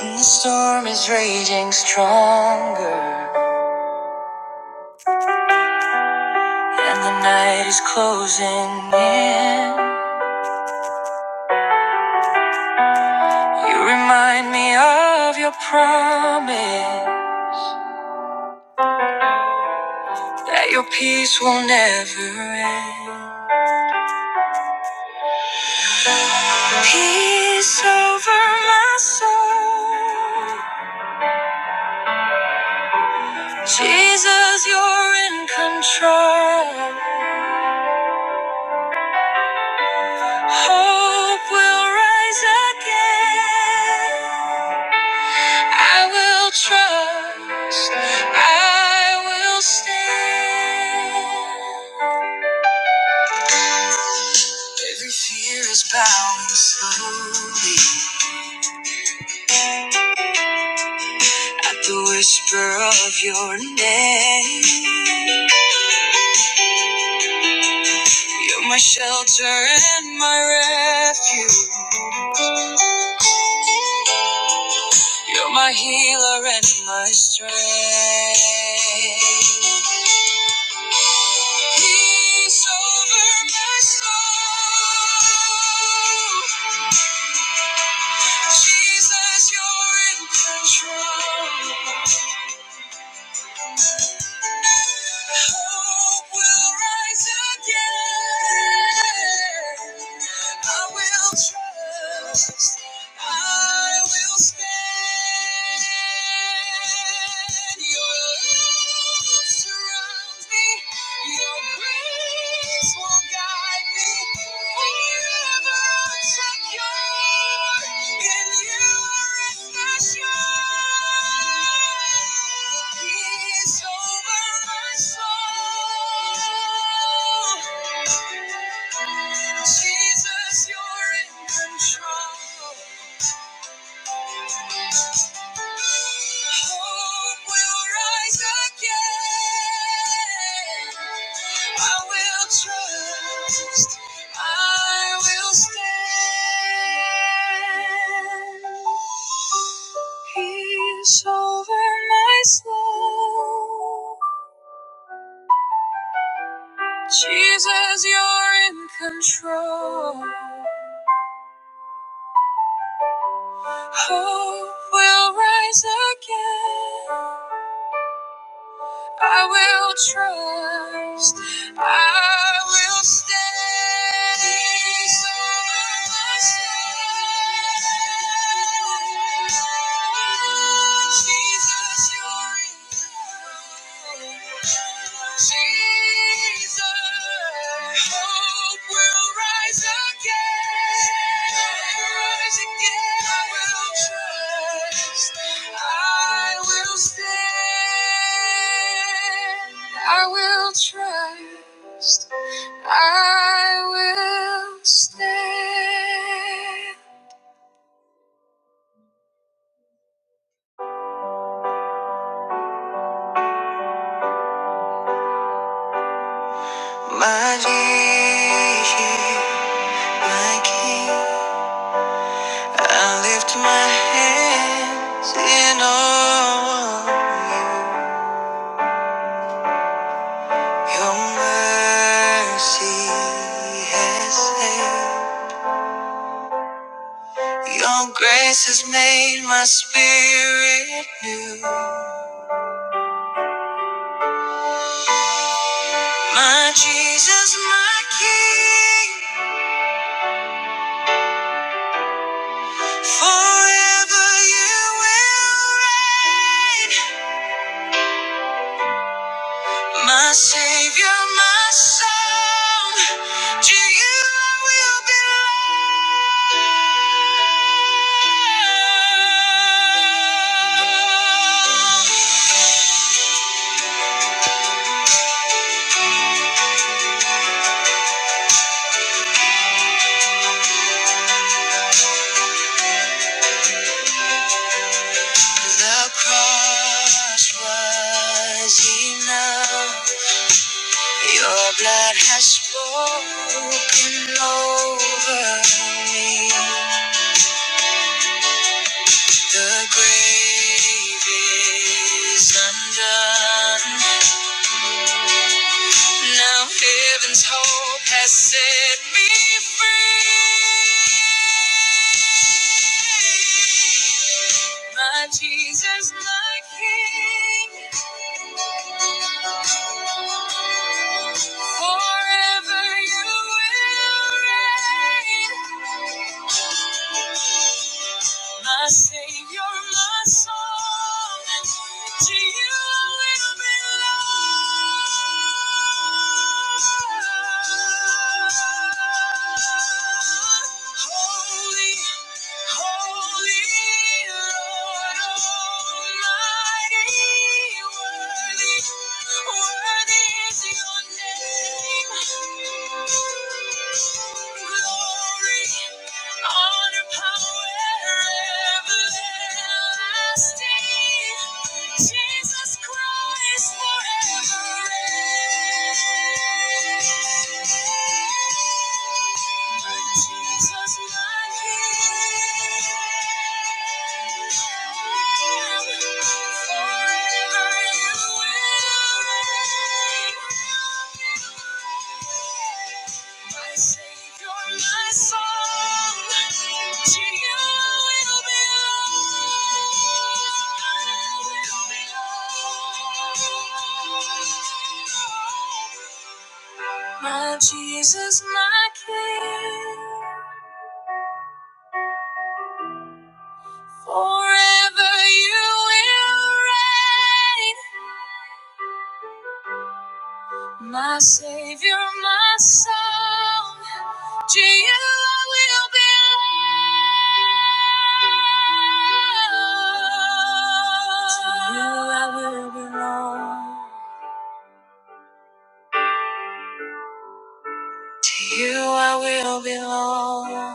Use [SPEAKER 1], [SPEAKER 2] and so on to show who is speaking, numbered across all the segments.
[SPEAKER 1] And the storm is raging stronger, and the night is closing in. You remind me of your promise that your peace will never end. Peace over my soul. Jesus, you're in control. Hope will rise again. I will trust, I will stand. Every fear is bowing slowly at the whisper of your name. You're my shelter and my refuge. You're my healer and my strength. Peace over my soul. Jesus, you're in control. Hope will rise again. I will trust. I will stand. Your love surrounds me. Your Peace will guide me wherever I'm secure. In you, reassured. Peace over my soul. Jesus, you're in control. Hope will rise again. I will trust. I will stand. Peace over my soul. Jesus, you're in control. Hope will rise again. I will trust. I will stay. So I stand. Jesus, you're enough. Jesus, I will trust. I will stand. My vision, my king. I lift my hands in awe. of you. Your mercy has saved. Your grace has made my spirit new. My Jesus, my King, forever you will reign. My Savior, my song, to you I will belong. The cross was enough. Your blood has spoken over me. The grave is undone. Now heaven's hope has set me free. My Jesus, my King. Forever you will reign. My Savior, my song, to you I will belong. Holy, holy Lord Almighty, worthy, worthy is your name. Glory, honor, power, everlasting. Jesus Christ forever. reigns. Jesus, my King. My Jesus, my King, forever you will reign. My Savior, my song, to you I will belong. To you I will belong. To you I will belong.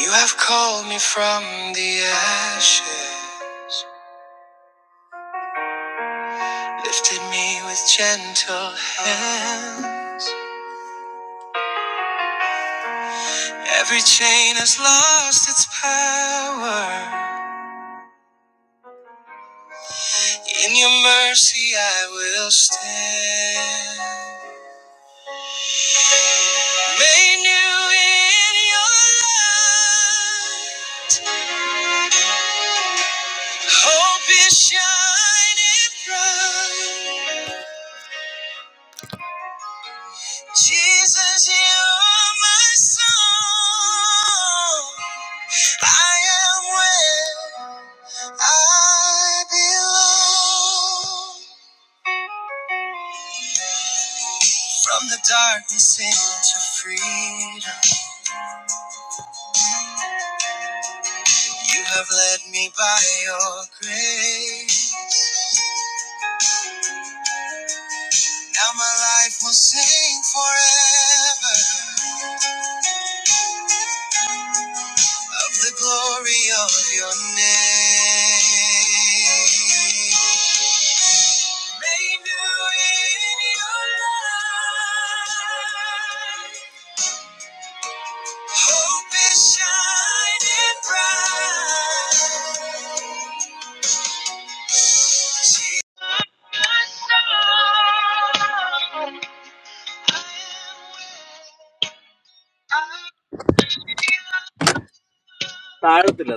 [SPEAKER 1] You have called me from the ashes. Lifted me with gentle hands. Every chain has lost its power. In your mercy I will stand. Made new in your light. Hope is shining bright. Jesus, you are my song. I am where I belong. From the darkness into freedom, you have led me by your grace. Now my life will sing forever of the glory of your name. Made new in your love. Hope is shining bright. Jesus, I am with
[SPEAKER 2] I don't Dille.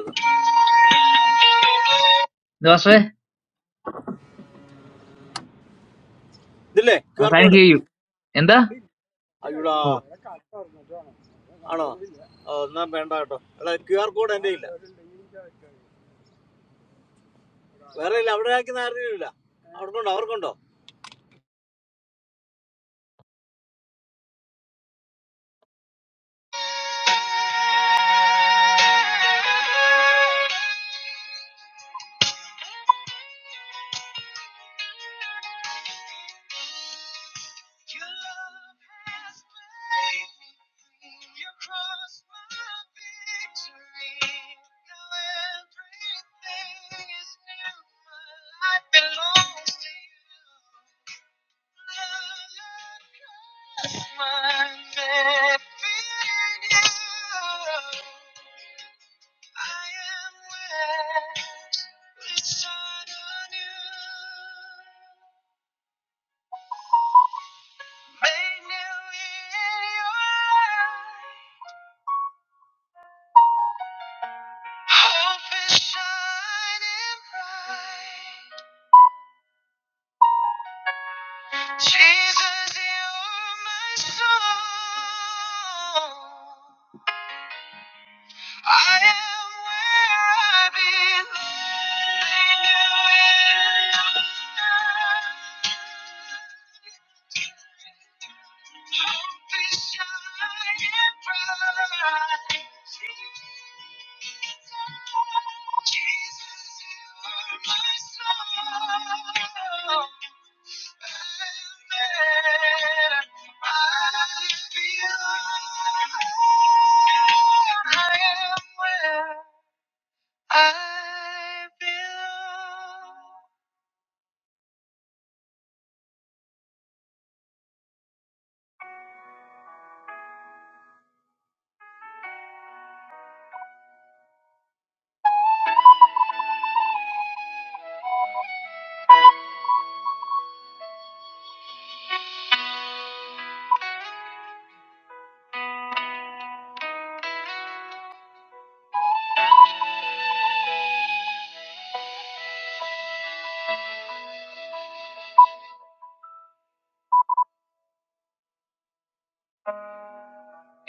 [SPEAKER 1] ദോസേ
[SPEAKER 2] Dille
[SPEAKER 1] I
[SPEAKER 2] QR
[SPEAKER 1] can
[SPEAKER 2] code.
[SPEAKER 1] Hear you എന്താ
[SPEAKER 2] आ यु ला
[SPEAKER 1] ഓ
[SPEAKER 2] अन्न नाम band बाटो Allah QR code ending नहीं है। वैरेल lover and किनारे नहीं है। और कौन? और कौन?
[SPEAKER 1] Your love has blessed me. You're my cross, my victory. Now everything is new. My life belongs to you. I am where I belong. Hope is shining bright.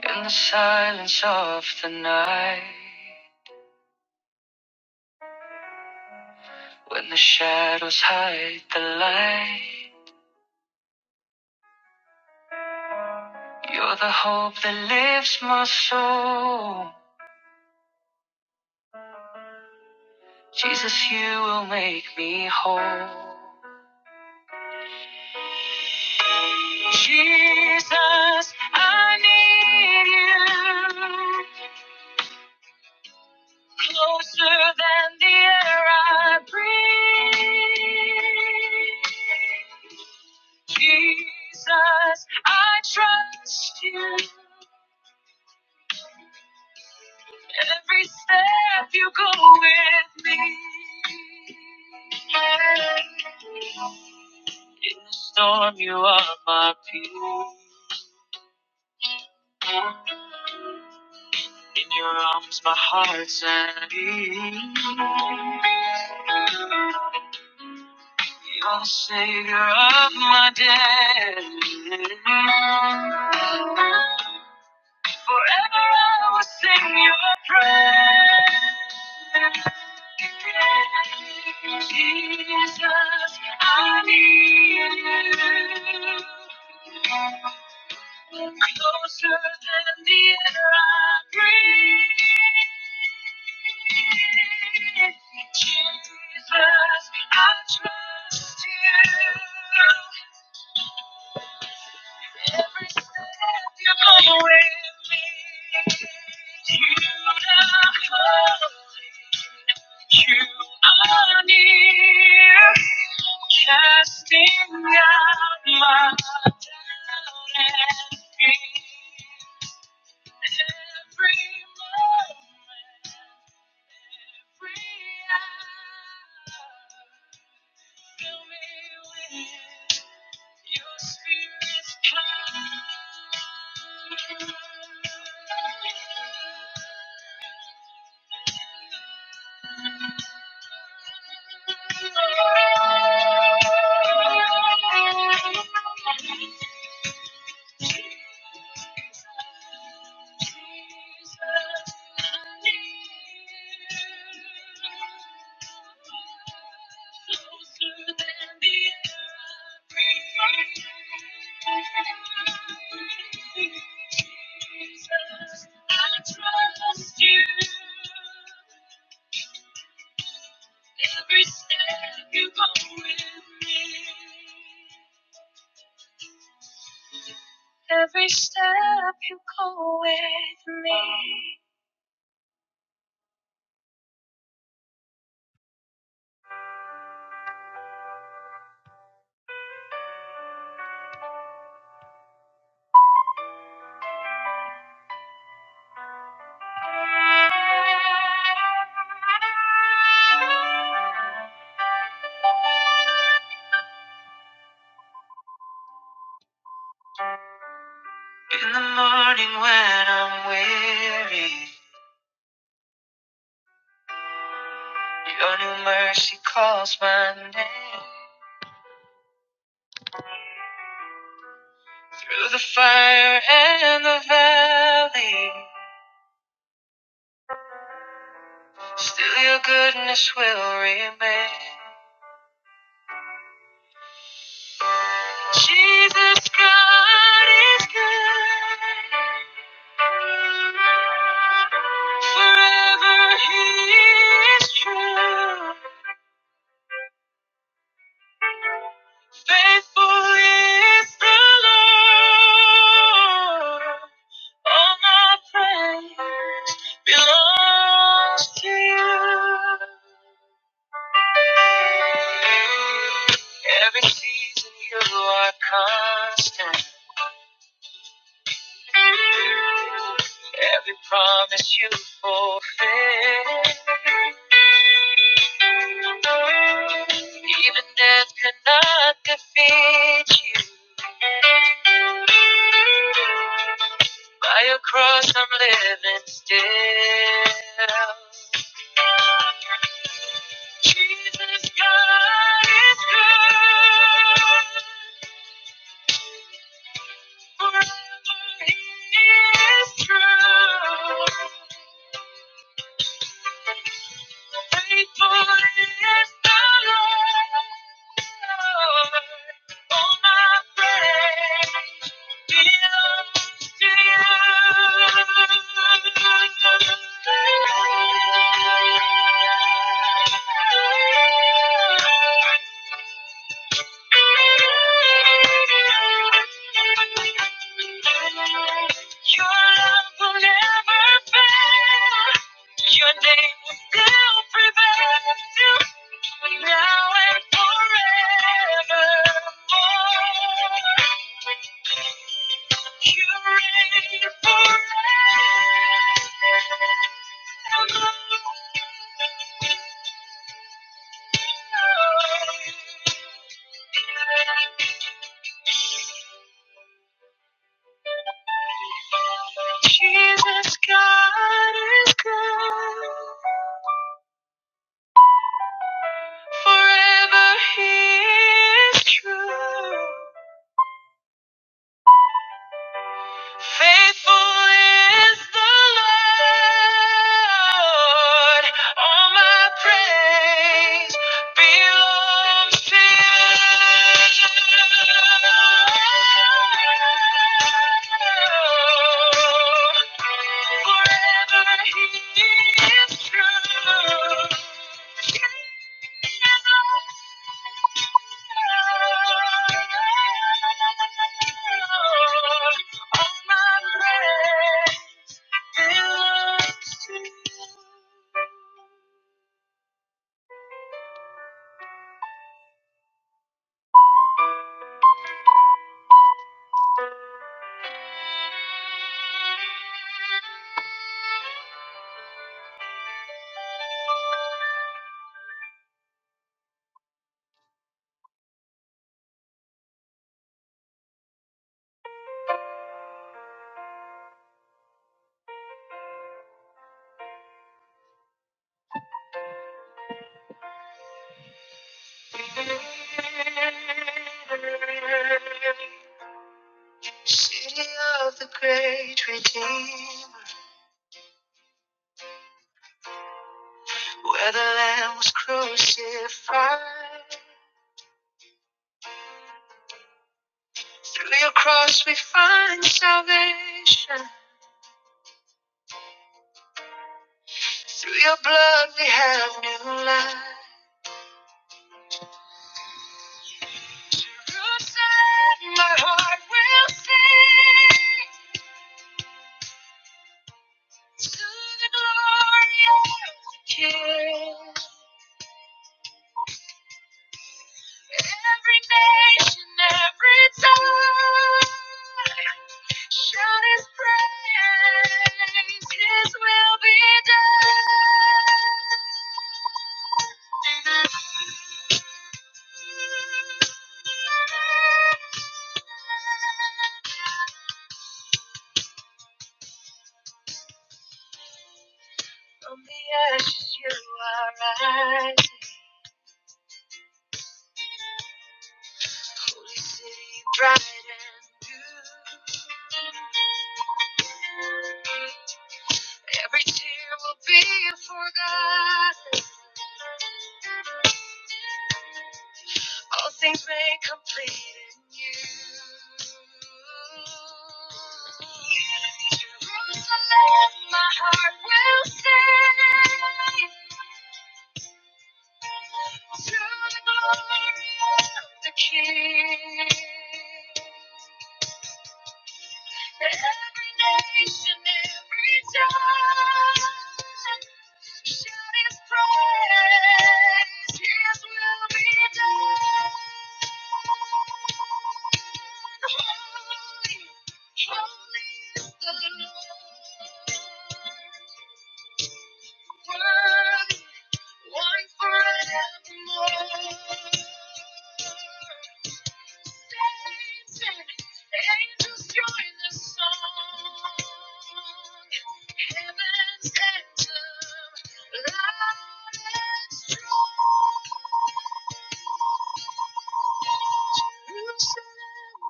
[SPEAKER 1] In the silence of the night, when the shadows hide the light, you're the hope that lifts my soul. Jesus, you will make me whole. Jesus, I need you closer than the air I breathe. Jesus, I trust you. Every step you go with me. In the storm, you are my peace. In your arms, my heart's at peace. You're the savior of my day. Forever I will sing your praise. Jesus, I need you. Closer than the air I breathe. Jesus, I trust you. Every step you go with me, you are holy. you are near, casting out my doubt and fear. Every moment, every hour. I trust every step you go with me every step with me. In the morning when I'm weary, Your new mercy calls my name through the fire and the valley. Still, your goodness will remain. Jesus, God is good. Forever He is true. Faithful is the Lord. All my praise belongs to you. Every season you are constant. Every promise you fulfill. Even death could not defeat you. By your cross, I'm living still. Jesus, God is good. Thank you. Your love will never fail. Your name will still prevail. Now and forevermore. You reign forever. Jesus, God is good. Forever He is true. Faithful is the Lord. All my praise belongs to you. Forever he is true. City of the great redeemer. Where the Lamb was crucified. Through your cross we find salvation. Through your blood we have new life. Jerusalem, my heart will sing to the glory of the King. Every nation, from the ashes you are rising. Holy city, bright and new. Every tear will be forgotten. All things made complete in you. Jerusalem, my heart will sing to the glory of the King. Every nation, every tongue. Shout his praise, his will be done. Holy, holy is the Lord. Worthy, one forevermore. Satan, angels join the song. Heaven's anthem, loud and strong. You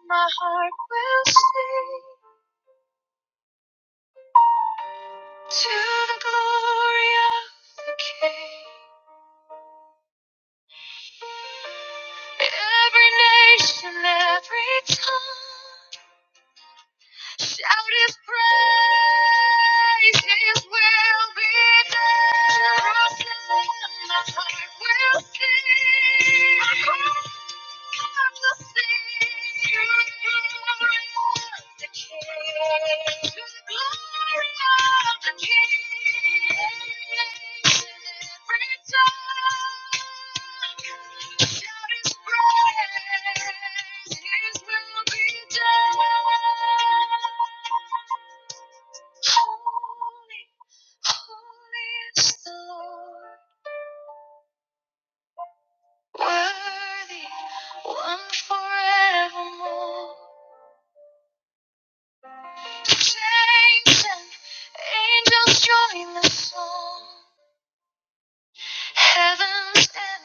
[SPEAKER 1] my heart will sing to the glory of the King. Every nation, every tongue, shout His praise. His will be done. Jerusalem, my heart will sing. Holy, holy is the Lord. Worthy, one forevermore. Saints and angels join the song. Heavens and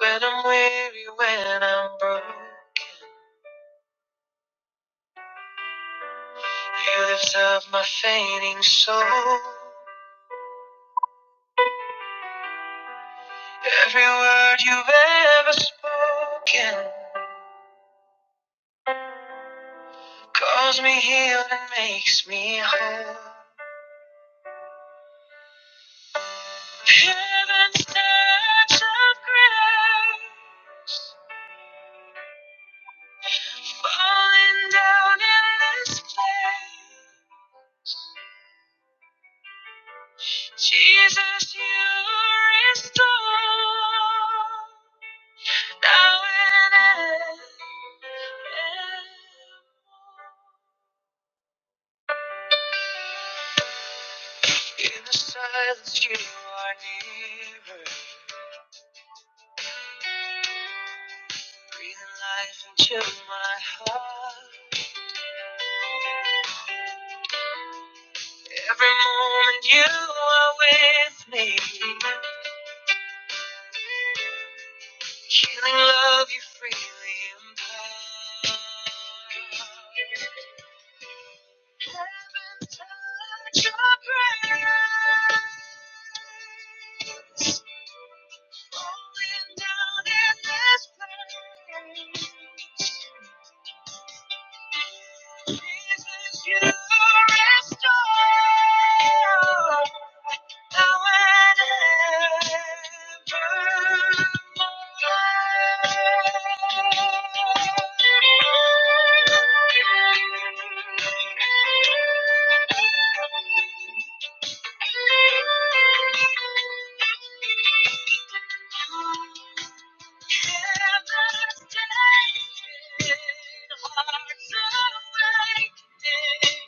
[SPEAKER 1] When I'm weary, when I'm broke, you lift up my fading soul. Every word you've ever spoken calls me healed and makes me whole. Heaven's touch of grace. Falling down in this place. Jesus, you restore. Now and ever. In the silence, you are nearer. Breathing life into my heart. Every moment you are with me. Healing love you freely impart. Heaven touch your praise. Falling down in this place. Jesus, you restore now and evermore. Hard hearts awake.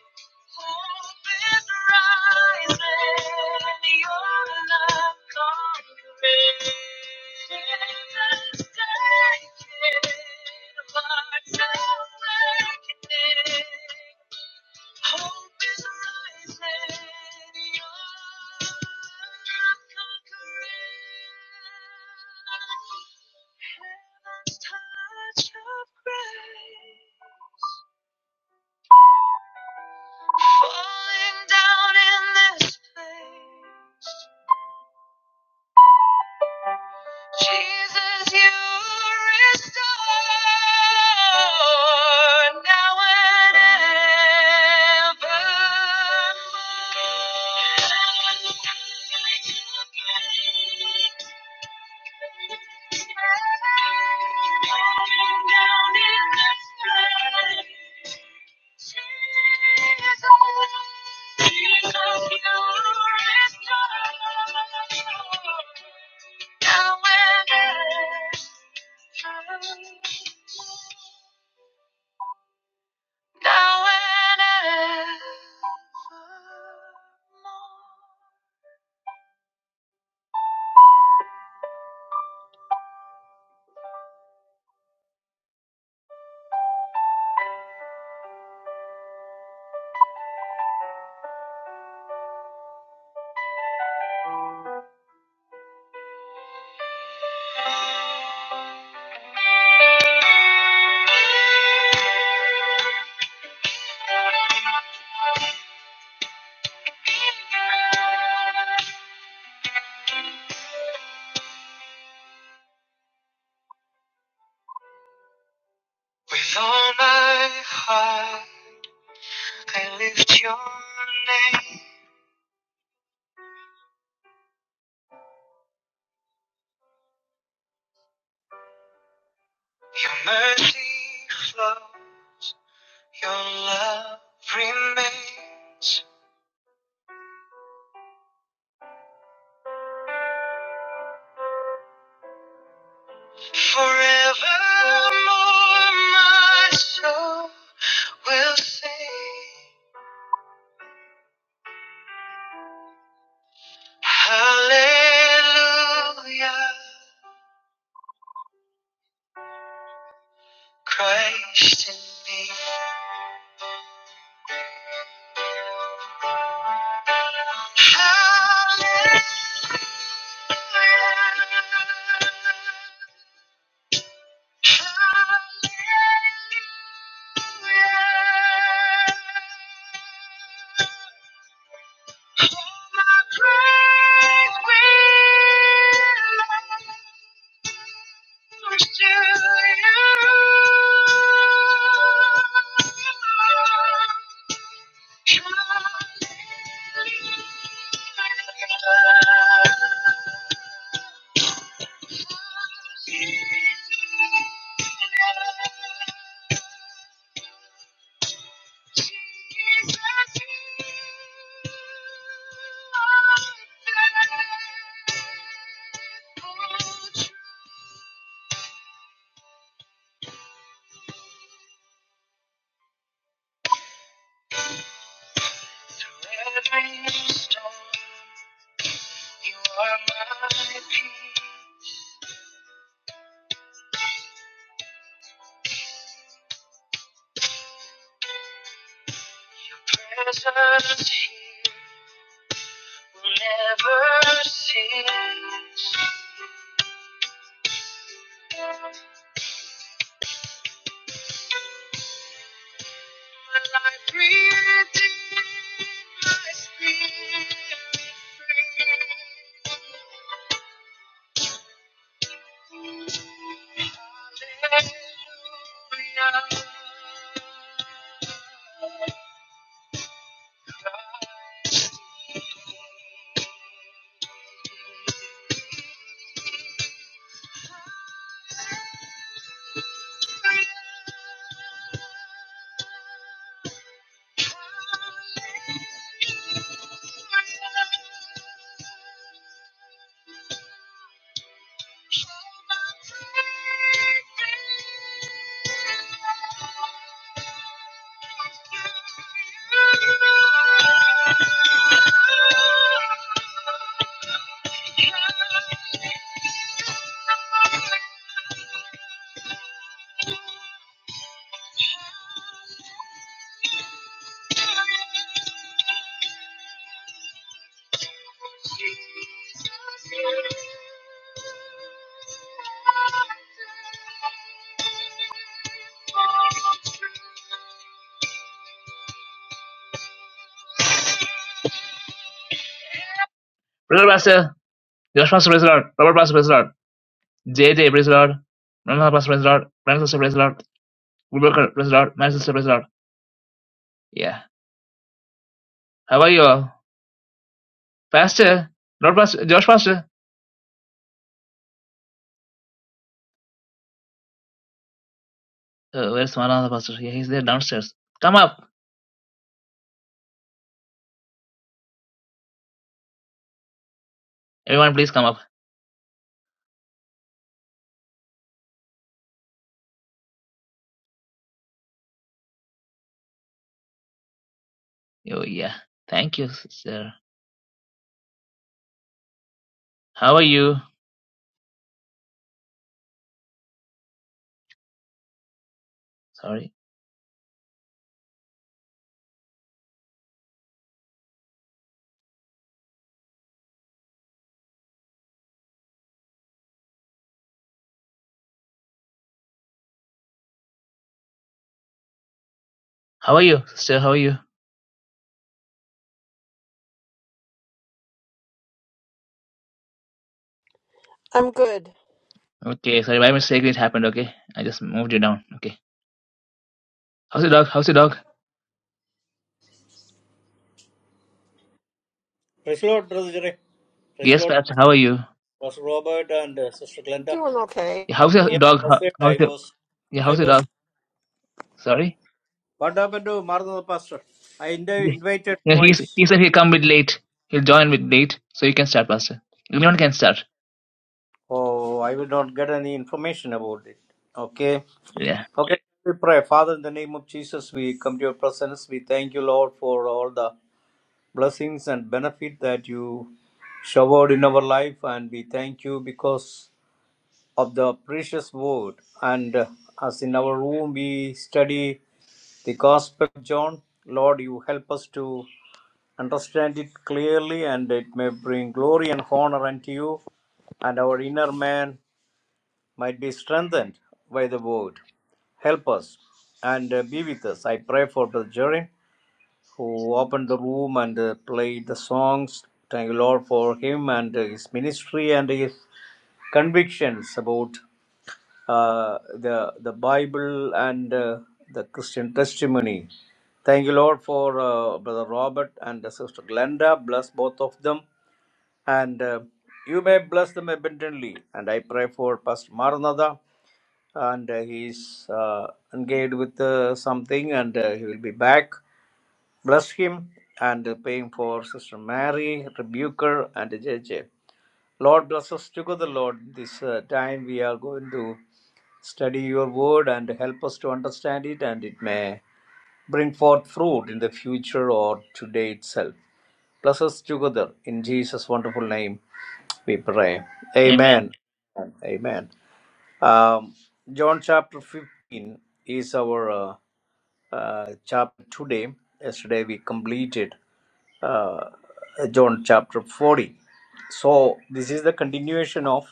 [SPEAKER 1] Heaven's touch of grace. Falling down in this place. Jesus, you restore. Falling down in this place. Jesus. With all my heart, I lift your name. Your mercy flow, your love remains. Forevermore, my soul will sing Hallelujah, Christ in me. Hallelujah, Hallelujah. Thank you. Presence here will never cease. I speak. Hallelujah. Brother Pastor. Josh Pastor, praise the Lord. Robert Pastor, praise the Lord. JJ, praise the Lord. Ramana Pastor, praise the Lord. Brandon Sister, praise the Lord. Woodworker, praise the Lord. Man Sister, praise the Lord. Yeah. How are you all? Pastor, Lord Pastor, Josh Pastor. Uh, where's Manana Pastor? Yeah, he's there downstairs. Come up. Everyone, please come up. Oh, yeah. Thank you, sister. How are you? Sorry. How are you, sister? How are you?
[SPEAKER 3] I'm good.
[SPEAKER 1] Okay, sorry, by mistake it happened, okay? I just moved you down. Okay. How's your dog? How's your dog?
[SPEAKER 2] First Lord, Lord जरे. First
[SPEAKER 1] Yes,
[SPEAKER 2] Lord
[SPEAKER 1] Pastor, how are you?
[SPEAKER 2] was Robert and uh, Sister Glenda.
[SPEAKER 3] Doing okay.
[SPEAKER 1] Yeah, how's your
[SPEAKER 2] Yeah,
[SPEAKER 1] dog?
[SPEAKER 2] that's
[SPEAKER 1] How,
[SPEAKER 2] it.
[SPEAKER 1] how's
[SPEAKER 2] I
[SPEAKER 1] your
[SPEAKER 2] was.
[SPEAKER 1] yeah,
[SPEAKER 2] I
[SPEAKER 1] how's your
[SPEAKER 2] was.
[SPEAKER 1] dog? Sorry?
[SPEAKER 2] What happened? Marthanda Pastor. I in-
[SPEAKER 1] Yeah,
[SPEAKER 2] invited
[SPEAKER 1] Yeah, he's,
[SPEAKER 2] twice.
[SPEAKER 1] he said he'll come with late. He'll join with late. So you can start, Pastor. Anyone can start.
[SPEAKER 2] Oh, I will not get any information about it. Okay.
[SPEAKER 1] Yeah.
[SPEAKER 2] Okay. We pray, Father, in the name of Jesus, we come to your presence. We thank you, Lord, for all the. blessings and benefit that you showered in our life and we thank you because of the precious word and uh, as in our room we study the gospel of john lord you help us to understand it clearly and it may bring glory and honor unto you and our inner man might be strengthened by the word help us and uh, be with us i pray for brother jerry who opened the room and uh, played the songs. Thank you, Lord, for him and uh, his ministry and his convictions about uh, the the Bible and uh, the Christian testimony. Thank you, Lord, for uh, Brother Robert and uh, Sister Glenda. Bless both of them, and uh, you may bless them abundantly. And I pray for Pastor Maranatha, and uh, he's uh, engaged with uh, something, and uh, he will be back. Bless him and praying for Sister Mary, Rebuker, and JJ. Lord, bless us together, Lord. This uh, time we are going to study your word and help us to understand it, and it may bring forth fruit in the future or today itself. Bless us together. In Jesus' wonderful name, we pray.
[SPEAKER 1] Amen.
[SPEAKER 2] Amen. Amen. Um, John chapter 15 is our uh, uh, chapter today. Yesterday we completed uh, John chapter 40. So this is the continuation of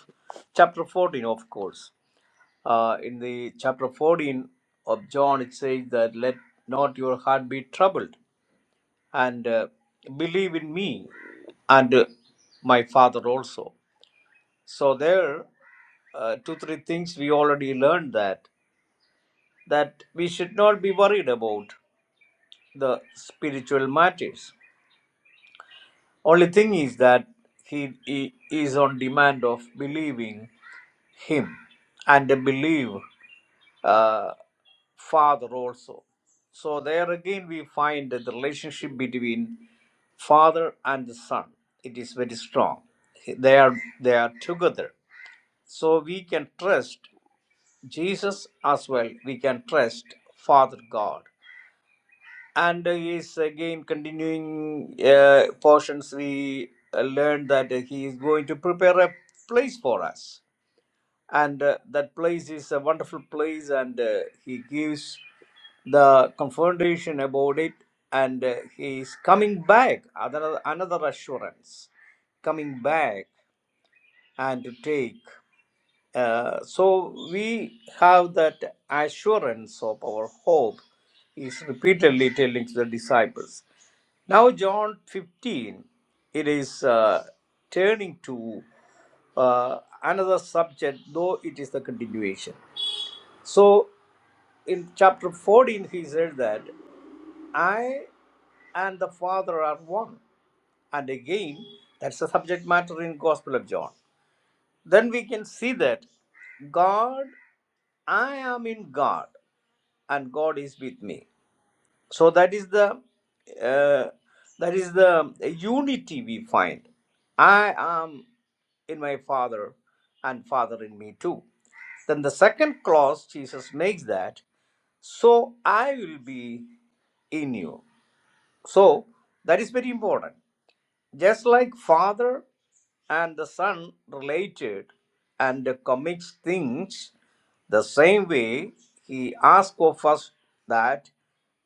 [SPEAKER 2] chapter 14, of course. Uh, in the chapter 14 of John, it says that let not your heart be troubled and uh, believe in me and uh, my father also. So there, uh, two, three things we already learned that that we should not be worried about the spiritual matters. Only thing is that he, he is on demand of believing him and believe uh, father also. So there again we find that the relationship between father and the son it is very strong. They are they are together. So we can trust Jesus as well. We can trust Father God and uh, he is again continuing uh, portions we uh, learned that uh, he is going to prepare a place for us and uh, that place is a wonderful place and uh, he gives the confrontation about it and uh, he is coming back another, another assurance coming back and to take uh, so we have that assurance of our hope is repeatedly telling to the disciples. Now, John 15, it is uh, turning to uh, another subject, though it is the continuation. So, in chapter 14, he said that I and the Father are one. And again, that's the subject matter in Gospel of John. Then we can see that God, I am in God, and God is with me. So that is the uh, that is the unity we find. I am in my Father, and Father in me too. Then the second clause Jesus makes that so I will be in you. So that is very important. Just like Father and the Son related and commits things, the same way he asks of us that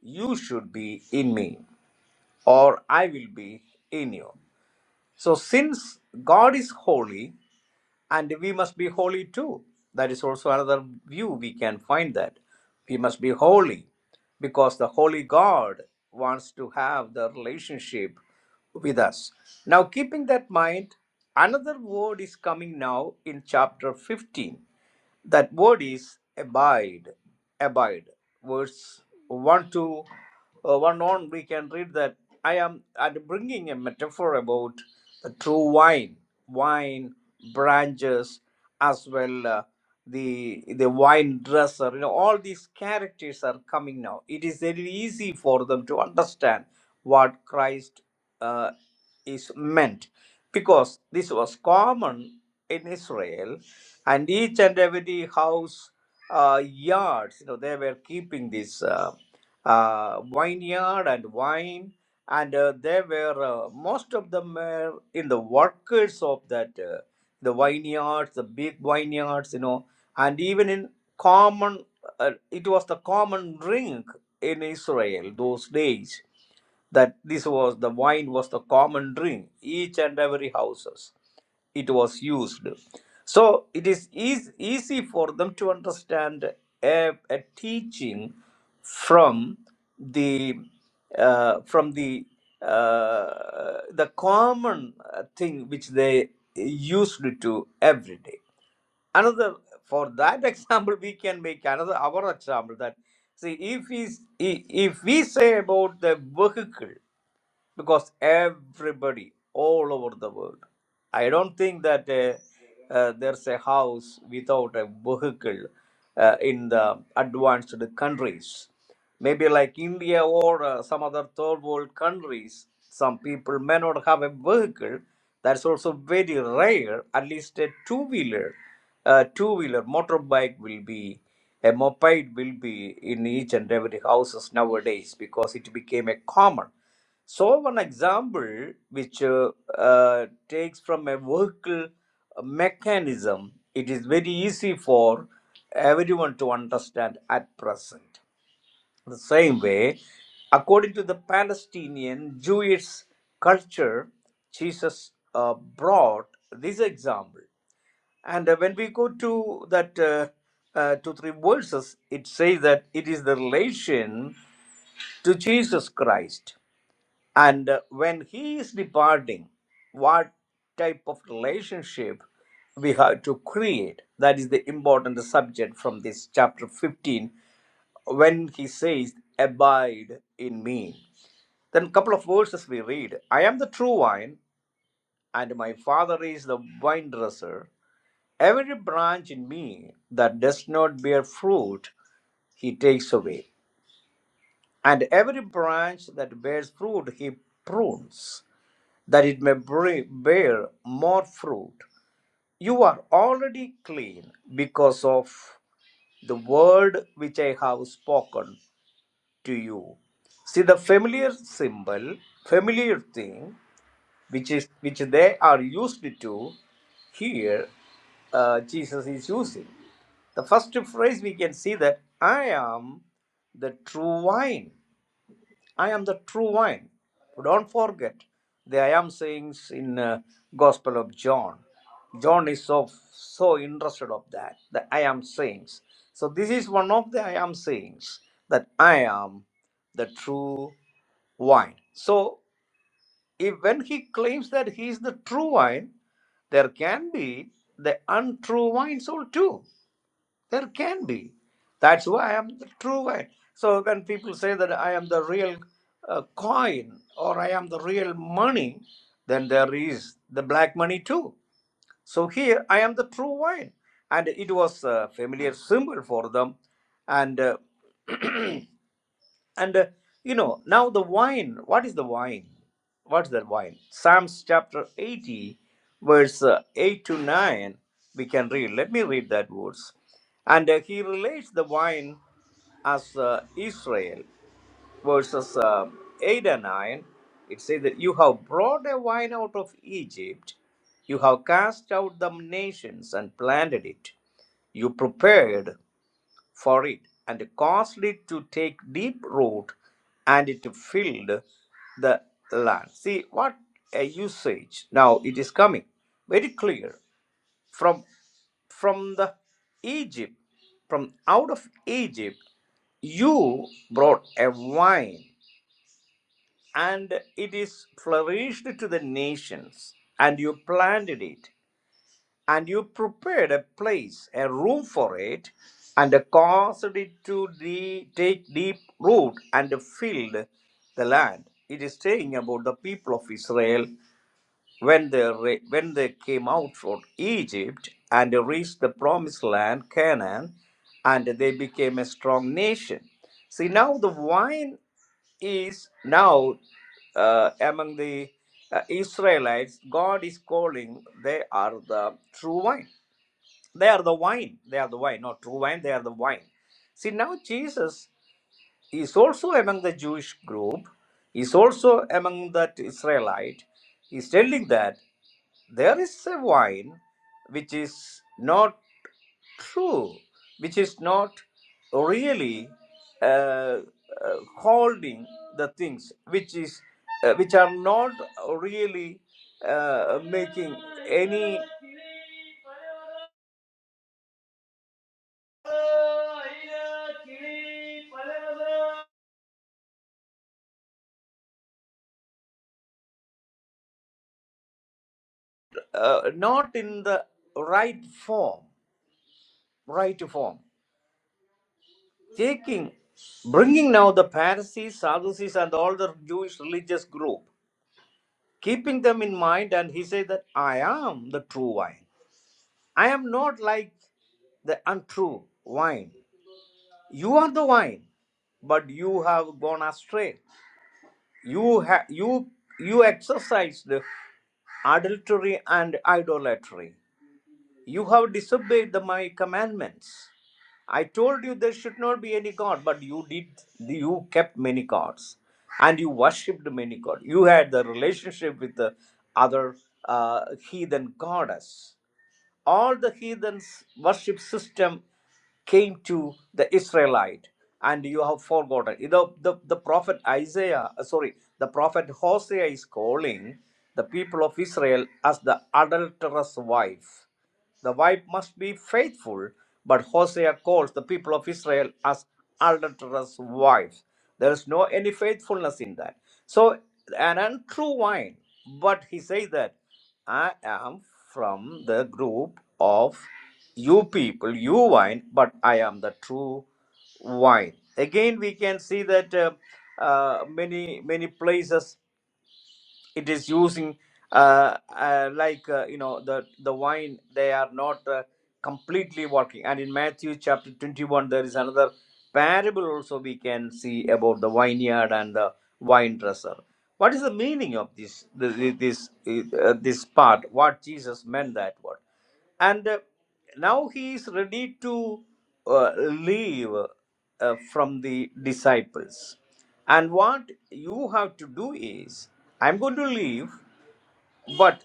[SPEAKER 2] you should be in me or I will be in you. So, since God is holy, and we must be holy too that is also another view we can find that we must be holy because the holy god wants to have the relationship with us now keeping that mind another word is coming now in chapter 15 that word is abide, abide. Verse 1 to uh, 1 on, we can read that I am I'm bringing a metaphor about the true wine, wine branches, as well uh, the the wine dresser. You know, all these characters are coming now. It is very easy for them to understand what Christ. Uh, is meant because this was common in Israel, and each and every house uh, yards, you know, they were keeping this uh, uh, vineyard and wine, and uh, they were uh, most of them were in the workers of that uh, the vineyards, the big vineyards, you know, and even in common, uh, it was the common drink in Israel those days that this was the wine was the common drink each and every houses it was used so it is eas- easy for them to understand a, a teaching from the uh, from the uh, the common uh, thing which they used to every day another for that example we can make another our example that see if we s- i- if we say about the vehicle because everybody all over the world i don't think that uh, uh, there's a house without a vehicle uh, in the advanced countries maybe like india or uh, some other third world countries some people may not have a vehicle that's also very rare at least a two wheeler uh, two wheeler motorbike will be a moped will be in each and every houses nowadays because it became a common so one example which uh, uh, takes from a vehicle mechanism, it is very easy for everyone to understand at present. The same way, according to the Palestinian Jewish culture, Jesus uh, brought this example. And uh, when we go to that uh, uh, two three verses, it says that it is the relation to Jesus Christ and uh, when he is departing, what type of relationship we have to create? That is the important subject from this chapter 15. When he says, Abide in me. Then, couple of verses we read I am the true vine, and my Father is the vine dresser. Every branch in me that does not bear fruit, he takes away. And every branch that bears fruit, he prunes that it may bring, bear more fruit. You are already clean because of the word which I have spoken to you. See the familiar symbol, familiar thing, which is which they are used to. Here, uh, Jesus is using the first phrase. We can see that I am the true vine. I am the true vine. Don't forget the I am sayings in uh, Gospel of John. John is so so interested of that the I am sayings. So this is one of the I am sayings that I am the true vine. So if when he claims that he is the true vine, there can be the untrue vine soul too. There can be. That's why I am the true wine. So when people say that I am the real uh, coin or I am the real money, then there is the black money too. So here I am the true wine. And it was a familiar symbol for them. And uh, and uh, you know, now the wine, what is the wine? What's that wine? Psalms chapter 80, verse uh, 8 to 9, we can read. Let me read that verse. And uh, he relates the wine as uh, Israel, verses uh, 8 and 9. It says that you have brought a wine out of Egypt, you have cast out the nations and planted it. You prepared for it, and caused it to take deep root, and it filled the land. See what a usage now it is coming very clear from from the Egypt, from out of Egypt, you brought a vine, and it is flourished to the nations, and you planted it, and you prepared a place, a room for it, and caused it to de- take deep root and filled the land. It is saying about the people of Israel when they, re- when they came out from Egypt and reached the promised land, Canaan, and they became a strong nation. See, now the wine is now uh, among the uh, Israelites, God is calling, they are the true wine. They are the wine. They are the wine, not true wine, they are the wine. See, now Jesus is also among the Jewish group, is also among that Israelite. He's telling that. There is a wine which is not true, which is not really uh, uh, holding the things which is uh, which are not really uh, making any uh, not in the right form, right form. Taking, bringing now the Pharisees, Sadducees, and all the Jewish religious group, keeping them in mind, and he said that I am the true wine. I am not like the untrue wine. You are the wine, but you have gone astray. You ha- you you exercised adultery and idolatry. You have disobeyed the, my commandments. I told you there should not be any god, but you did. You kept many gods, and you worshipped many gods. You had the relationship with the other uh, heathen goddess all the heathens worship system came to the israelite and you have forgotten you know the, the prophet isaiah uh, sorry the prophet hosea is calling the people of israel as the adulterous wife the wife must be faithful, but Hosea calls the people of Israel as adulterous wives. There is no any faithfulness in that. So, an untrue wine, but he says that I am from the group of you people, you wine, but I am the true wine. Again, we can see that uh, uh, many many places it is using uh, uh, like uh, you know the the wine they are not uh, completely working and in matthew chapter 21 there is another parable also we can see about the vineyard and the wine dresser what is the meaning of this this this, uh, this part what jesus meant that word and uh, now he is ready to uh, leave uh, from the disciples and what you have to do is i'm going to leave but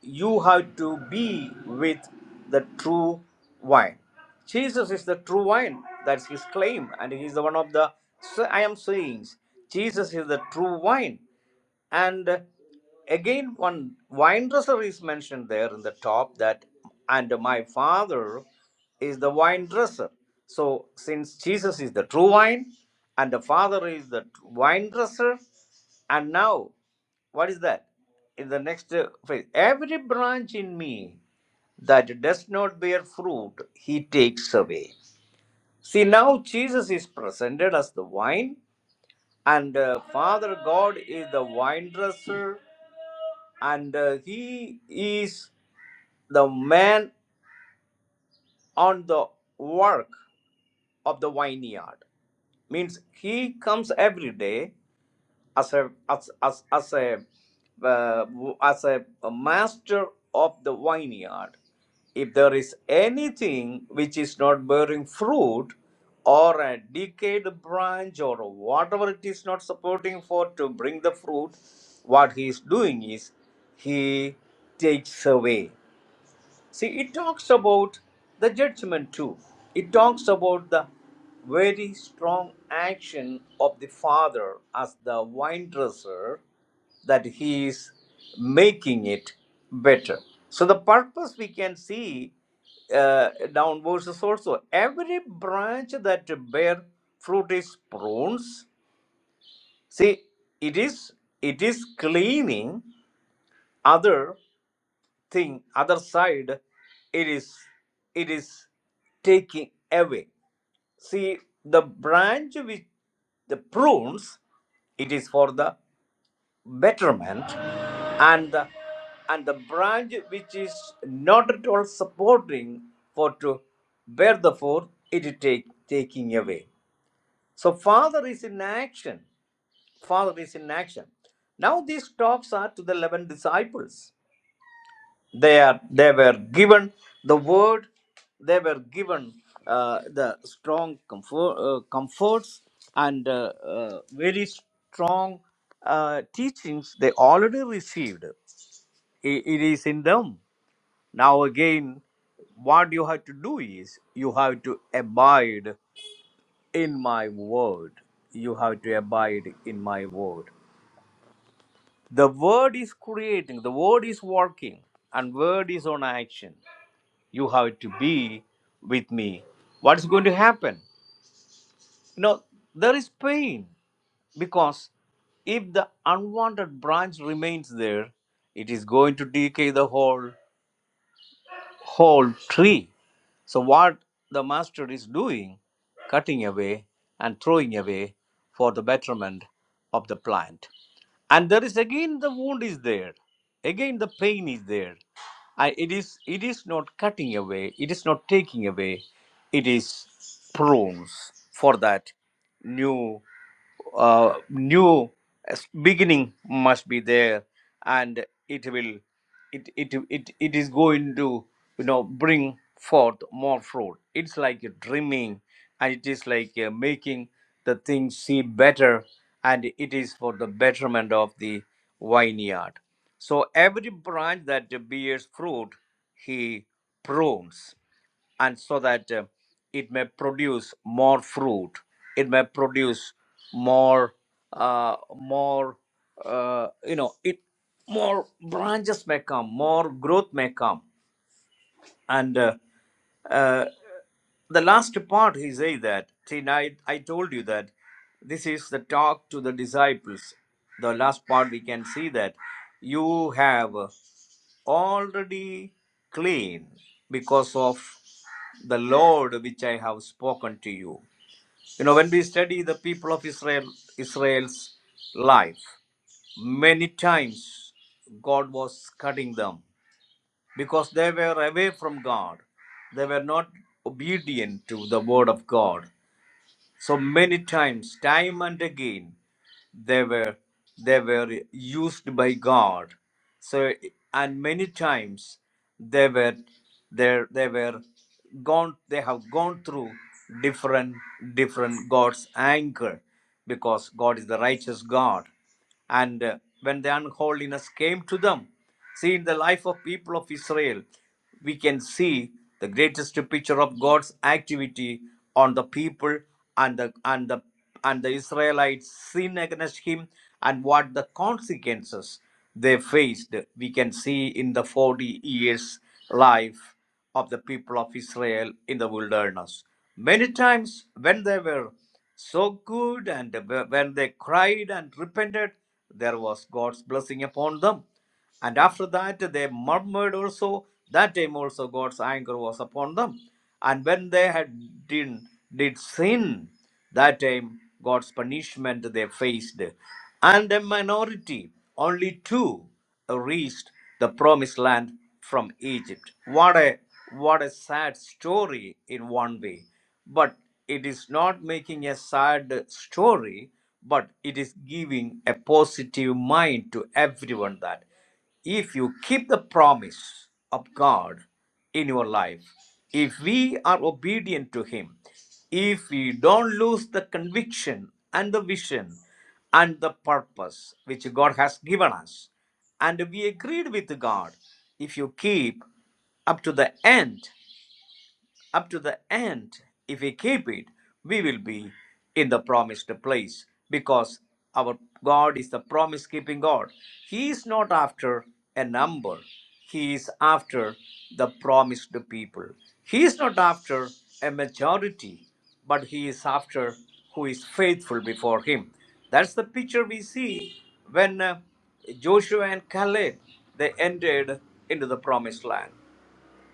[SPEAKER 2] you have to be with the true wine jesus is the true wine that's his claim and he is the one of the so i am saying jesus is the true wine and uh, again, one wine dresser is mentioned there in the top that, and my father is the wine dresser. So, since Jesus is the true wine, and the Father is the tr- wine dresser, and now, what is that? In the next uh, phrase, every branch in me that does not bear fruit, he takes away. See, now Jesus is presented as the wine, and uh, Father God is the wine dresser, and uh, he is the man on the work of the vineyard means he comes every day as a as as, as a uh, as a, a master of the vineyard if there is anything which is not bearing fruit or a decayed branch or whatever it is not supporting for to bring the fruit what he is doing is he takes away See, it talks about the judgment too. It talks about the very strong action of the father as the wine dresser that he is making it better. So, the purpose we can see uh, down verses also every branch that bear fruit is prunes. See, it is it is cleaning other thing other side it is it is taking away see the branch which the prunes it is for the betterment and the and the branch which is not at all supporting for to bear the fruit it is take taking away so father is in action father is in action now these talks are to the 11 disciples they are they were given the word they were given uh, the strong comfort, uh, comforts and uh, uh, very strong uh, teachings they already received I- it is in them now again what you have to do is you have to abide in my word you have to abide in my word the word is creating the word is working and word is on action you have to be with me what's going to happen you know there is pain because if the unwanted branch remains there it is going to decay the whole whole tree so what the master is doing cutting away and throwing away for the betterment of the plant and there is again the wound is there again the pain is there and it is it is not cutting away it is not taking away it is prunes for that new uh, new beginning must be there and it will it it it, it is going to you know bring forth more fruit it's like a dreaming and it is like uh, making the things seem better and it is for the betterment of the vineyard so every branch that bears fruit he prunes and so that uh, it may produce more fruit it may produce more uh, more uh, you know it more branches may come more growth may come and uh, uh, the last part he say that see now I, I told you that this is the talk to the disciples the last part we can see that you have already clean because of the Lord which I have spoken to you. You know, when we study the people of Israel, Israel's life, many times God was cutting them because they were away from God. They were not obedient to the word of God. So many times, time and again, they were they were used by God. So and many times they were they they were gone they have gone through different different God's anger because God is the righteous God. And uh, when the unholiness came to them, see in the life of people of Israel, we can see the greatest picture of God's activity on the people and the and the and the Israelites sin against him and what the consequences they faced we can see in the 40 years life of the people of Israel in the wilderness. Many times when they were so good and when they cried and repented, there was God's blessing upon them. And after that, they murmured also. That time also, God's anger was upon them. And when they had did, did sin, that time, God's punishment they faced, and a minority, only two, reached the promised land from Egypt. What a what a sad story in one way, but it is not making a sad story, but it is giving a positive mind to everyone that if you keep the promise of God in your life, if we are obedient to Him, if we don't lose the conviction and the vision and the purpose which God has given us, and we agreed with God, if you keep up to the end, up to the end, if we keep it, we will be in the promised place because our God is the promise keeping God. He is not after a number, He is after the promised people. He is not after a majority, but He is after who is faithful before Him. That's the picture we see when uh, Joshua and Caleb they entered into the promised land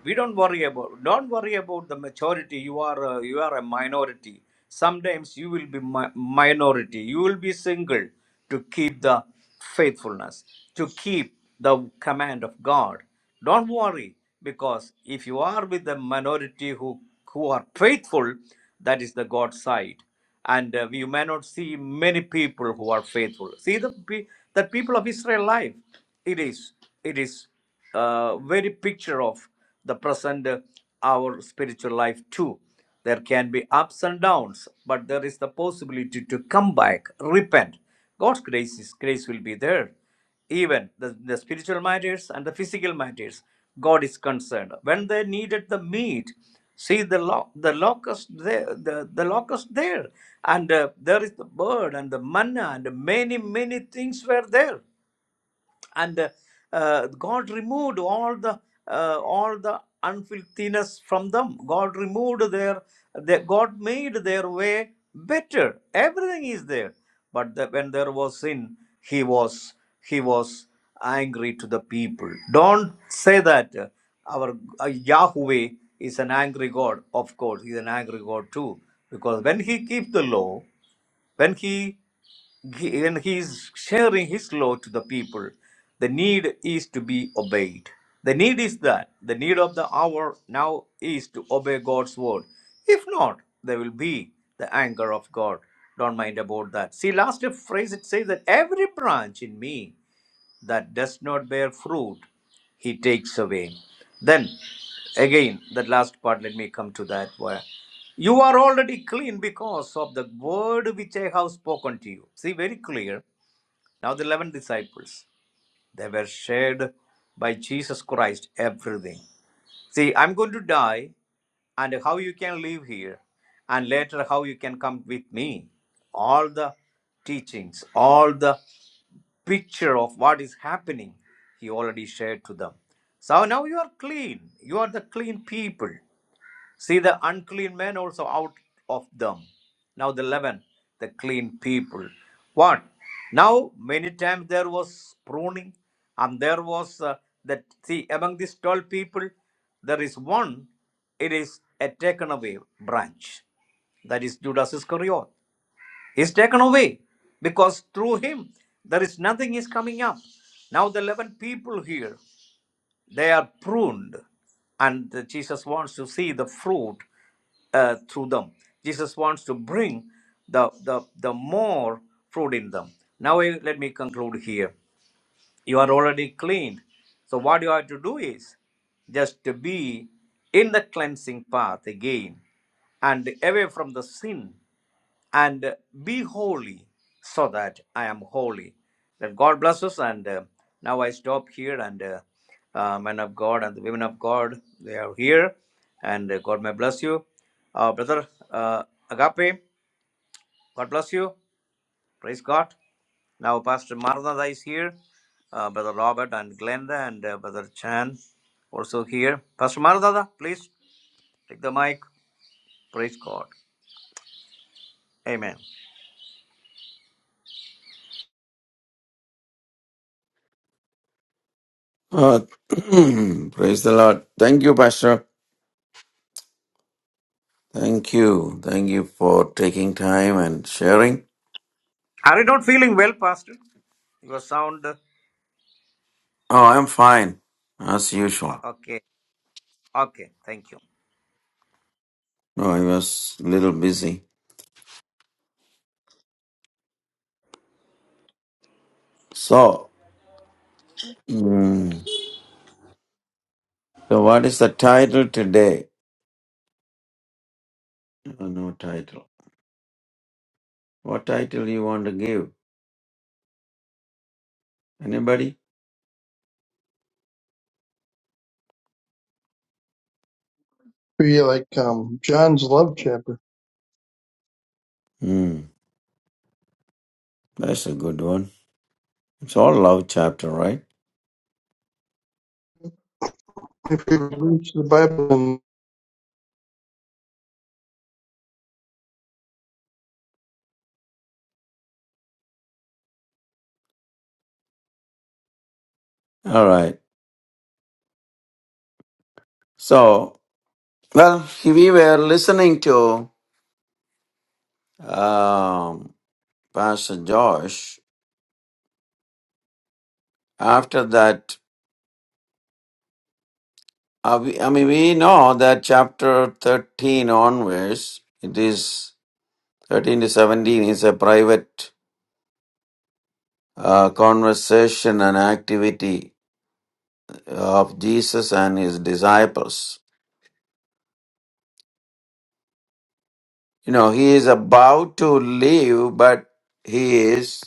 [SPEAKER 2] we don't worry about don't worry about the majority you are a, you are a minority sometimes you will be mi- minority you will be single to keep the faithfulness to keep the command of god don't worry because if you are with the minority who who are faithful that is the god side and uh, you may not see many people who are faithful see the pe- the people of israel life it is it is uh, very picture of the present uh, our spiritual life too there can be ups and downs but there is the possibility to come back repent god's grace is grace will be there even the, the spiritual matters and the physical matters god is concerned when they needed the meat see the lo- the locust there the, the locust there and uh, there is the bird and the manna and many many things were there and uh, uh, god removed all the uh, all the unfilthiness from them god removed their, their god made their way better everything is there but the, when there was sin he was he was angry to the people don't say that uh, our uh, yahweh is an angry god of course he's an angry god too because when he keeps the law when he, he when he is sharing his law to the people, the need is to be obeyed. The need is that the need of the hour now is to obey God's word. If not, there will be the anger of God. Don't mind about that. See, last phrase it says that every branch in me that does not bear fruit, he takes away. Then, again, that last part, let me come to that. Where you are already clean because of the word which I have spoken to you. See, very clear. Now, the 11 disciples, they were shared by Jesus Christ everything. See, I'm going to die, and how you can live here, and later how you can come with me. All the teachings, all the picture of what is happening, he already shared to them. So now you are clean. You are the clean people. See the unclean men also out of them. Now the leaven, the clean people. What? Now many times there was pruning, and there was uh, that. See among these twelve people, there is one. It is a taken away branch. That is Judas Iscariot. He's taken away because through him there is nothing is coming up. Now the eleven people here. They are pruned, and Jesus wants to see the fruit uh, through them. Jesus wants to bring the, the, the more fruit in them. Now, I- let me conclude here. You are already cleaned. So, what you have to do is just to be in the cleansing path again and away from the sin and be holy so that I am holy. That God bless us. And uh, now I stop here. And uh, uh, men of God and the women of God, they are here. And uh, God may bless you. Uh, Brother uh, Agape, God bless you. Praise God. Now Pastor Maranatha is here. Uh, Brother Robert and Glenda and uh, Brother Chan also here. Pastor Maranatha, please take the mic. Praise God. Amen.
[SPEAKER 4] Uh, praise the Lord. Thank you, Pastor. Thank you. Thank you for taking time and sharing.
[SPEAKER 2] Are you not feeling well, Pastor? Your sound.
[SPEAKER 4] Oh, I'm fine, as usual.
[SPEAKER 2] Okay. Okay. Thank you.
[SPEAKER 4] No, I was a little busy. So, mm, so what is the title today? Oh, no title. What title you want to give? Anybody?
[SPEAKER 5] be like um, John's love chapter.
[SPEAKER 4] Hmm, that's a good one. It's all love chapter, right?
[SPEAKER 5] If you reach the Bible, and
[SPEAKER 4] All right. So, well, we were listening to um, Pastor Josh After that, uh, we, I mean, we know that chapter 13 onwards, it is 13 to 17 is a private uh, conversation and activity of Jesus and his disciples. You know, he is about to leave, but he is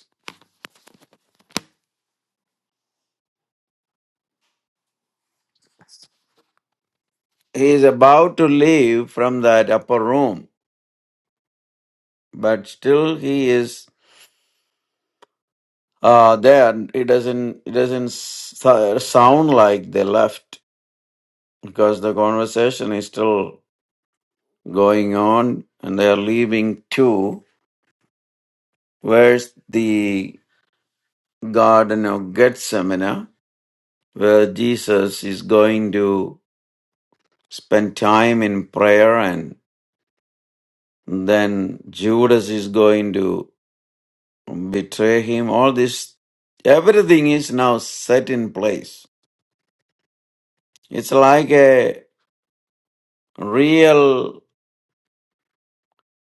[SPEAKER 4] he is about to leave from that upper room, but still he is uh, there. It doesn't it doesn't s- sound like they left because the conversation is still going on and they are leaving to where's the garden of gethsemane where jesus is going to spend time in prayer and then judas is going to betray him all this everything is now set in place it's like a real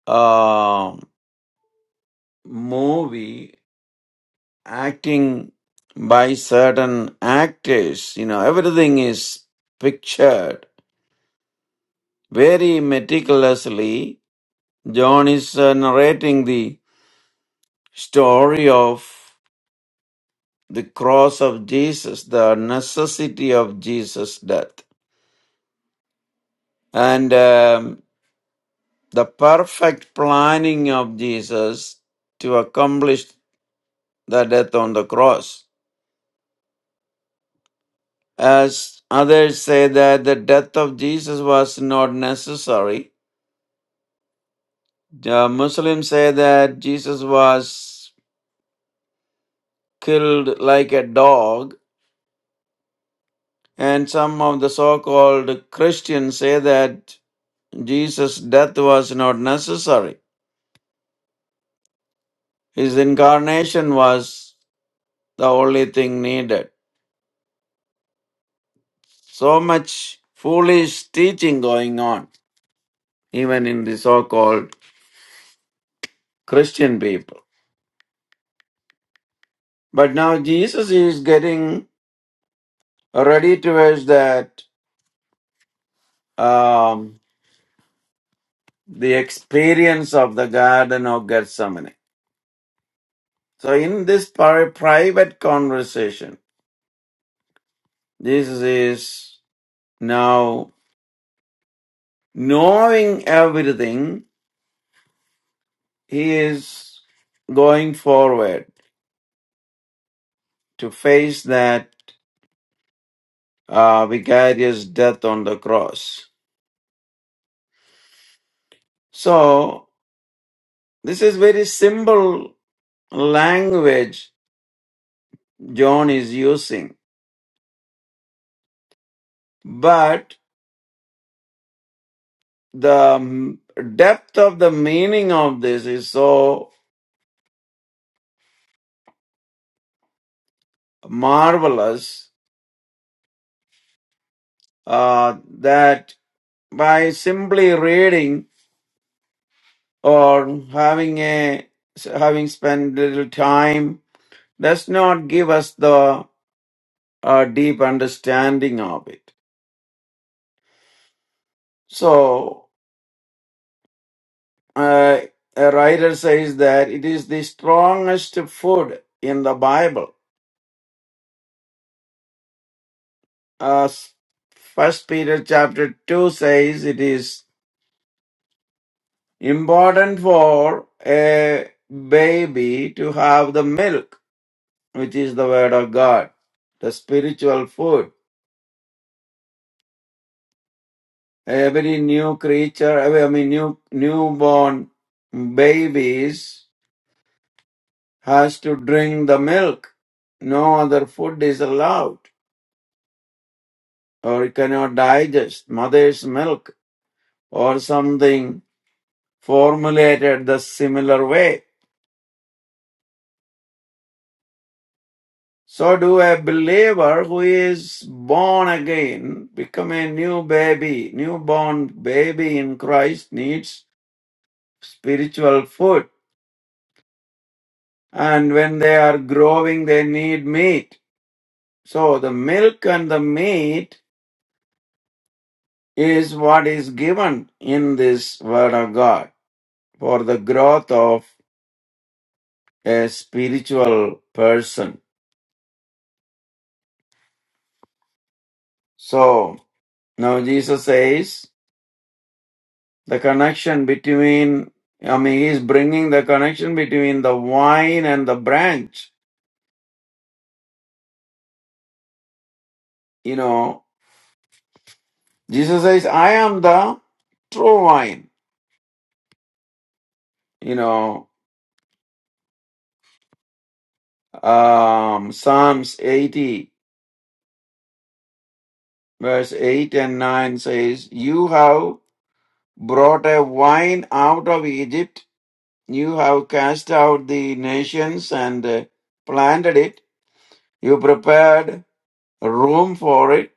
[SPEAKER 4] uh, movie acting by certain actors. You know, everything is pictured very meticulously. John is uh, narrating the story of the cross of Jesus, the necessity of Jesus' death, and um, the perfect planning of Jesus to accomplish the death on the cross. As others say that the death of Jesus was not necessary, Uh, Muslims say that Jesus was killed like a dog, and some of the so called Christians say that Jesus' death was not necessary. His incarnation was the only thing needed. So much foolish teaching going on, even in the so called Christian people. But now Jesus is getting ready towards that um, the experience of the Garden of Gethsemane. So in this pri- private conversation, Jesus is now knowing everything. He is going forward to face that uh, vicarious death on the cross. So this is very simple language John is using, but the m- depth of the meaning of this is so marvelous uh, that by simply reading or having a having spent little time does not give us the uh, deep understanding of it. So uh, a writer says that it is the strongest food in the Bible. Uh, First Peter chapter two says it is important for a baby to have the milk, which is the word of God the spiritual food. Every new creature, I mean new newborn babies has to drink the milk. No other food is allowed or it cannot digest mother's milk or something formulated the similar way. So do a believer who is born again, become a new baby, newborn baby in Christ needs spiritual food. And when they are growing, they need meat So the milk and the meat is what is given in this word of God for the growth of a spiritual person. So now Jesus says the connection between, I mean, he is bringing the connection between the vine and the branch. You know, Jesus says, I am the true vine. You know, um, Psalms 80 verse 8 and 9 says, You have brought a wine out of Egypt. You have cast out the nations and uh, planted it. You prepared room for it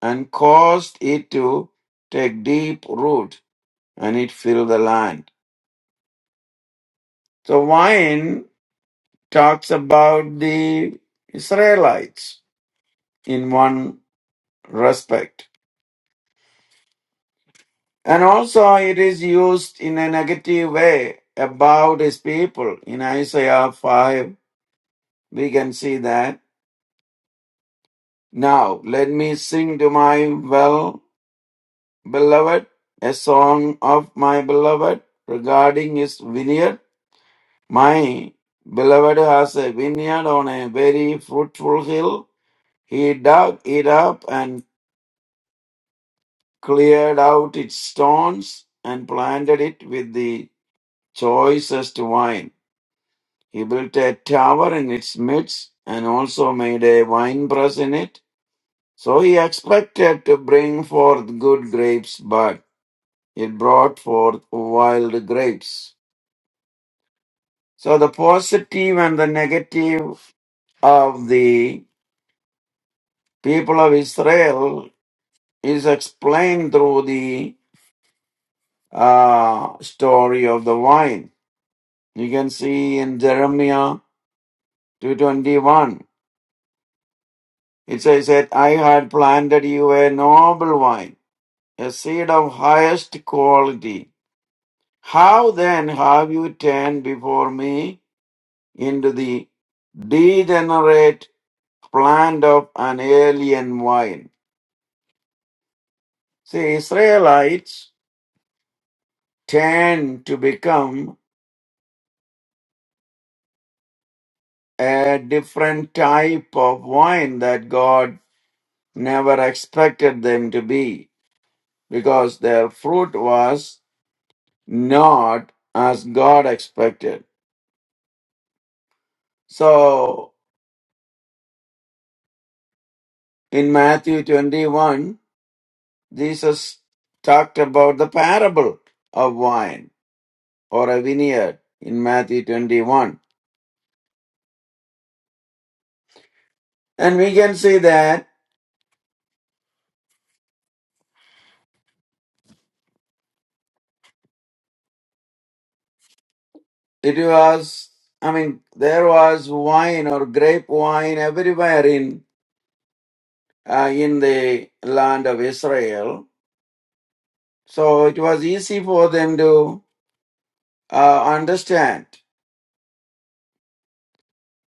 [SPEAKER 4] and caused it to take deep root and it filled the land. So wine talks about the Israelites in one respect. And also it is used in a negative way about his people. In Isaiah 5, we can see that. Now let me sing to my well beloved a song of my beloved regarding his vineyard. My beloved has a vineyard on a very fruitful hill. He dug it up and cleared out its stones and planted it with the choicest wine. He built a tower in its midst and also made a winepress in it. So he expected to bring forth good grapes, but It brought forth wild grapes. So the positive and the negative of the people of Israel is explained through the uh, story of the wine. You can see in Jeremiah 221. It says that I had planted you a noble wine, a seed of highest quality. How then have you turned before me into the degenerate plant of an alien vine. See, Israelites tend to become a different type of wine that God never expected them to be because their fruit was not as God expected. So in Matthew 21, Jesus talked about the parable of wine or a vineyard in Matthew 21. And we can see that It was, I mean, there was wine or grape wine everywhere in uh, in the land of Israel. So it was easy for them to uh, understand.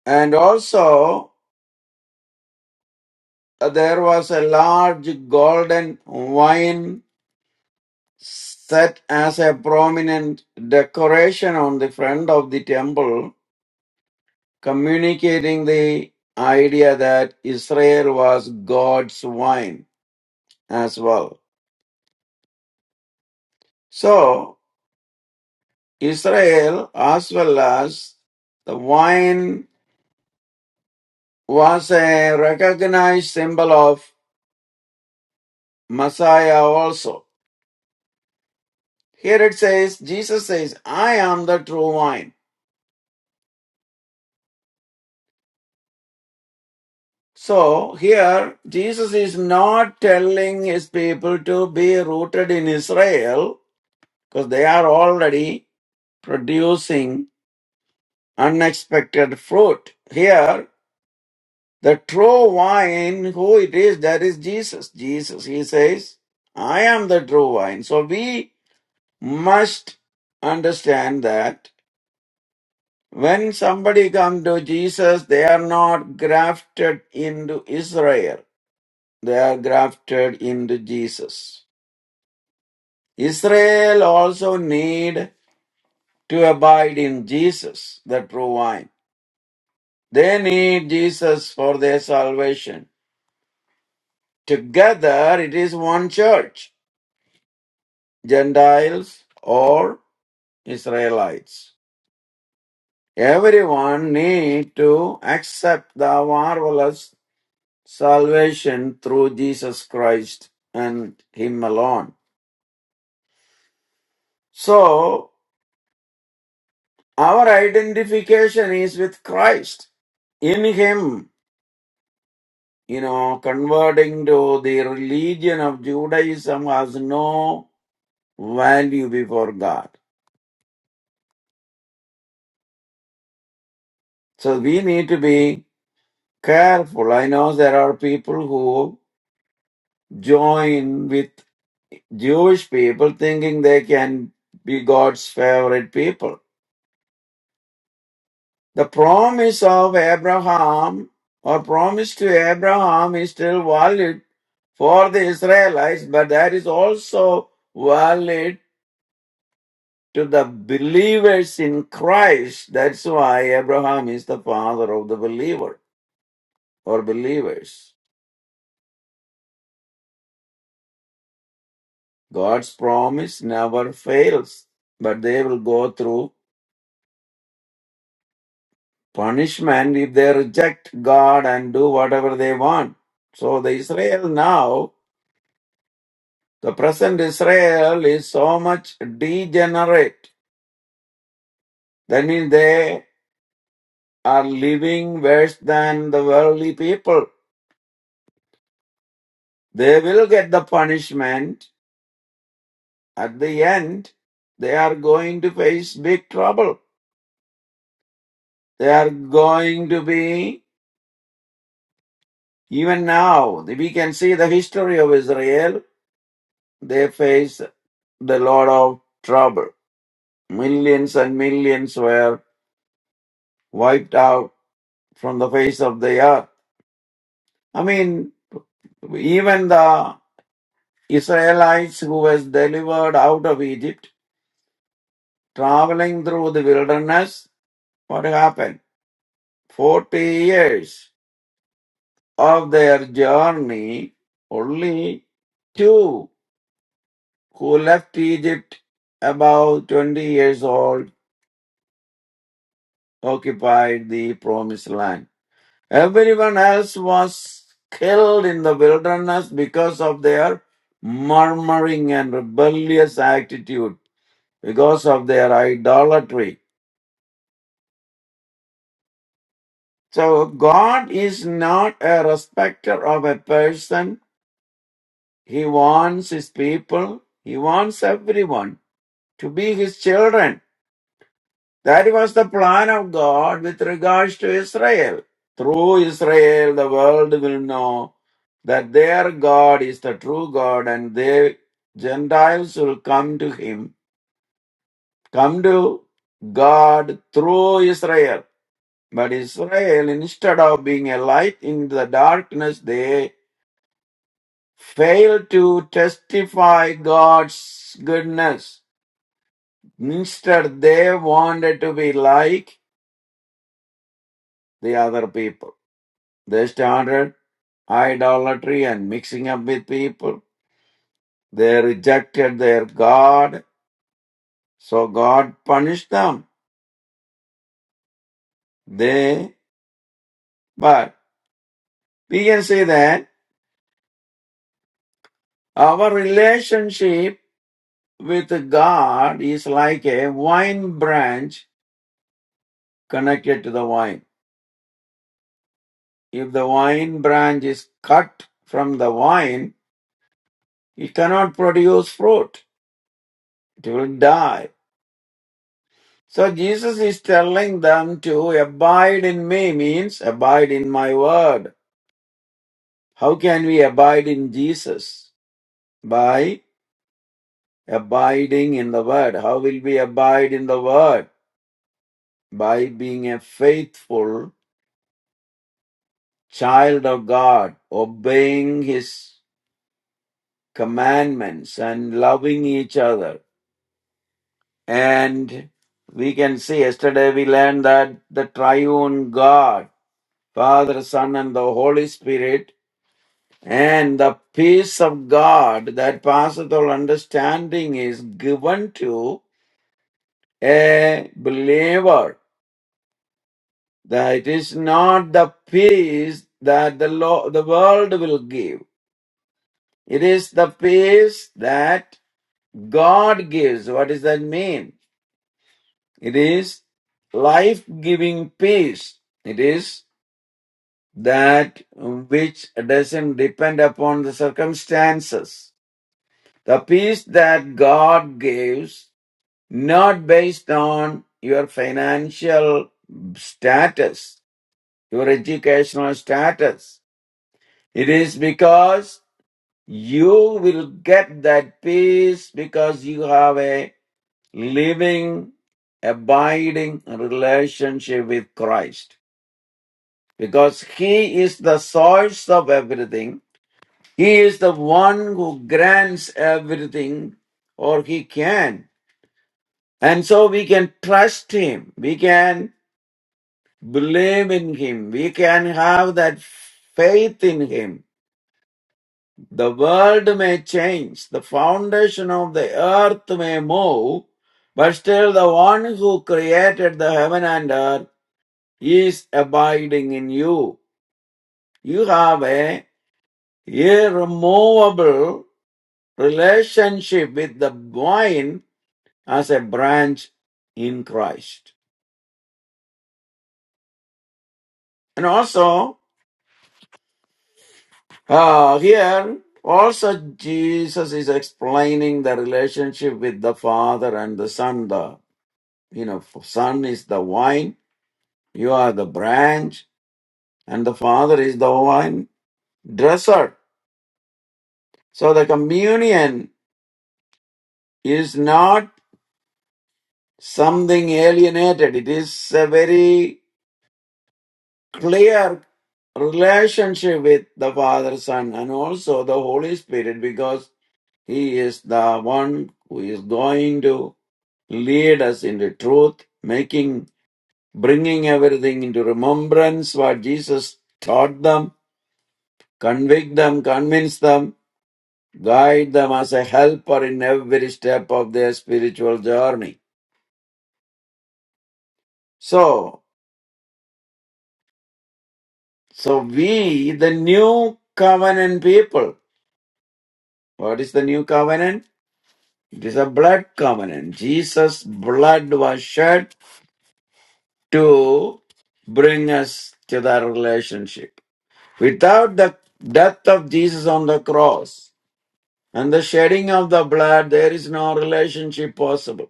[SPEAKER 4] And also, uh, there was a large golden wine set as a prominent decoration on the front of the temple, communicating the idea that Israel was God's wine as well. So, Israel, as well as the wine, was a recognized symbol of Messiah also. Here it says, Jesus says, I am the true wine. So, here, Jesus is not telling his people to be rooted in Israel because they are already producing unexpected fruit. Here, The true wine, who it is, that is Jesus. Jesus, he says, I am the true wine. So we must understand that when somebody comes to Jesus, they are not grafted into Israel. They are grafted into Jesus. Israel also need to abide in Jesus, the true wine. They need Jesus for their salvation. Together, it is one church. Gentiles or Israelites. Everyone need to accept the marvelous salvation through Jesus Christ and Him alone. So our identification is with Christ. In Him, you know, converting to the religion of Judaism has no value before God. So we need to be careful. I know there are people who. join with Jewish people thinking they can be God's favorite people. The promise of Abraham or promise to Abraham is still valid for the Israelites, but that is also valid to the believers in Christ. That's why Abraham is the father of the believer or believers. God's promise never fails, but they will go through punishment if they reject God and do whatever they want. So the Israel now, the present Israel is so much degenerate. That means they are living worse than the worldly people. They will get the punishment. At the end, they are going to face big trouble. They are going to be, even now, we can see the history of Israel. They face the lot of trouble. Millions and millions were wiped out from the face of the earth. I mean, even the Israelites who was delivered out of Egypt, traveling through the wilderness, what happened? 40 years of their journey, only two who left Egypt about 20 years old occupied the promised land. Everyone else was killed in the wilderness because of their murmuring and rebellious attitude, because of their idolatry. So God is not a respecter of a person. He wants his people, he wants everyone to be his children. That was the plan of God with regards to Israel. Through Israel, the world will know that their God is the true God, and the Gentiles will come to Him, come to God through Israel. But Israel, instead of being a light in the darkness, they failed to testify God's goodness. Instead, they wanted to be like the other people. They started idolatry and mixing up with people. They rejected their God, so God punished them. They, but we can say that our relationship with God is like a vine branch connected to the vine. If the vine branch is cut from the vine, it cannot produce fruit. It will die. So Jesus is telling them to abide in me means abide in my word How can we abide in Jesus? By abiding in the Word. How will we abide in the Word? By being a faithful child of God, obeying His commandments and loving each other. And we can see yesterday we learned that the triune God, Father, Son, and the Holy Spirit, and the peace of God that passeth all understanding is given to a believer. That it is not the peace that the lo- the world will give. It is the peace that God gives. What does that mean? It is life-giving peace. It is that which doesn't depend upon the circumstances. The peace that God gives, not based on your financial status your educational status. It is because you will get that peace because you have a living, abiding relationship with Christ. Because He is the source of everything. He is the one who grants everything or He can. And so we can trust Him. We can believe in Him. We can have that faith in Him The world may change, the foundation of the earth may move, but still the one who created the heaven and earth is abiding in you. You have a irremovable relationship with the vine as a branch in Christ. And also, uh, here, also Jesus is explaining the relationship with the Father and the Son there. You know, for son is the vine, you are the branch, and the father is the wine dresser. So the communion is not something alienated. It is a very clear relationship with the Father, Son, and also the Holy Spirit because He is the one who is going to lead us into truth, making, bringing everything into remembrance what Jesus taught them Convict them, convince them, guide them as a helper in every step of their spiritual journey. So, so we, the new covenant people, what is the new covenant? It is a blood covenant. Jesus' blood was shed to bring us to that relationship. Without the death of Jesus on the cross and the shedding of the blood, there is no relationship possible.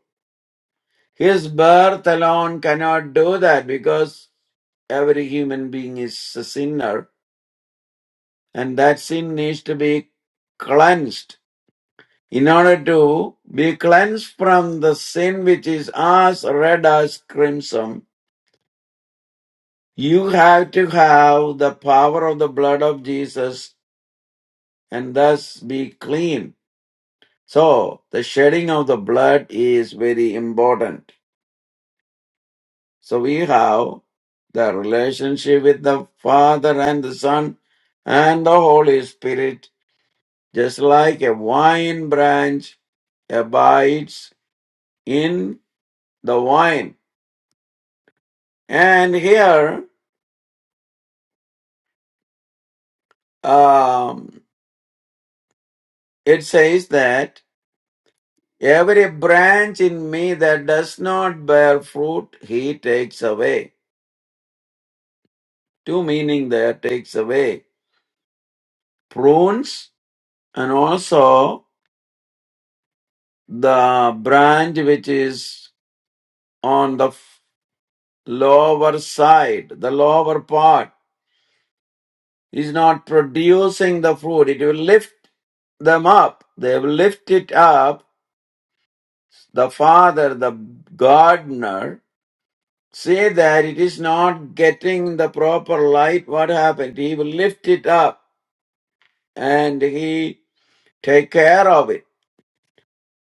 [SPEAKER 4] His birth alone cannot do that because every human being is a sinner and that sin needs to be cleansed. In order to be cleansed from the sin which is as red as crimson, you have to have the power of the blood of Jesus and thus be clean. So, the shedding of the blood is very important. So we have the relationship with the Father and the Son and the Holy Spirit, just like a vine branch abides in the wine. And here um, it says that every branch in me that does not bear fruit, he takes away. Two meaning there takes away prunes and also the branch which is on the f- lower side, the lower part, is not producing the fruit. It will lift them up. They will lift it up. The father, the gardener, see that it is not getting the proper light. What happened? He will lift it up and he take care of it.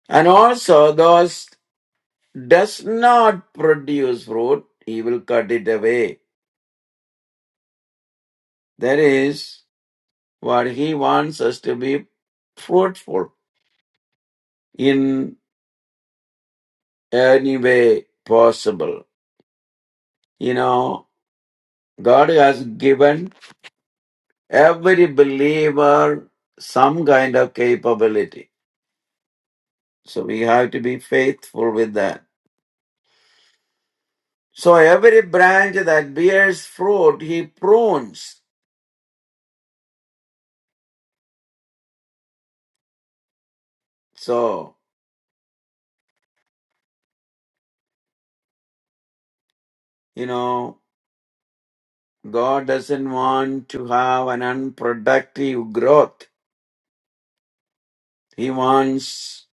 [SPEAKER 4] And also those does not produce fruit, he will cut it away. That is What He wants us to be fruitful in any way possible. You know, God has given every believer some kind of capability. So we have to be faithful with that. So every branch that bears fruit, He prunes. So, you know, God doesn't want to have an unproductive growth. He wants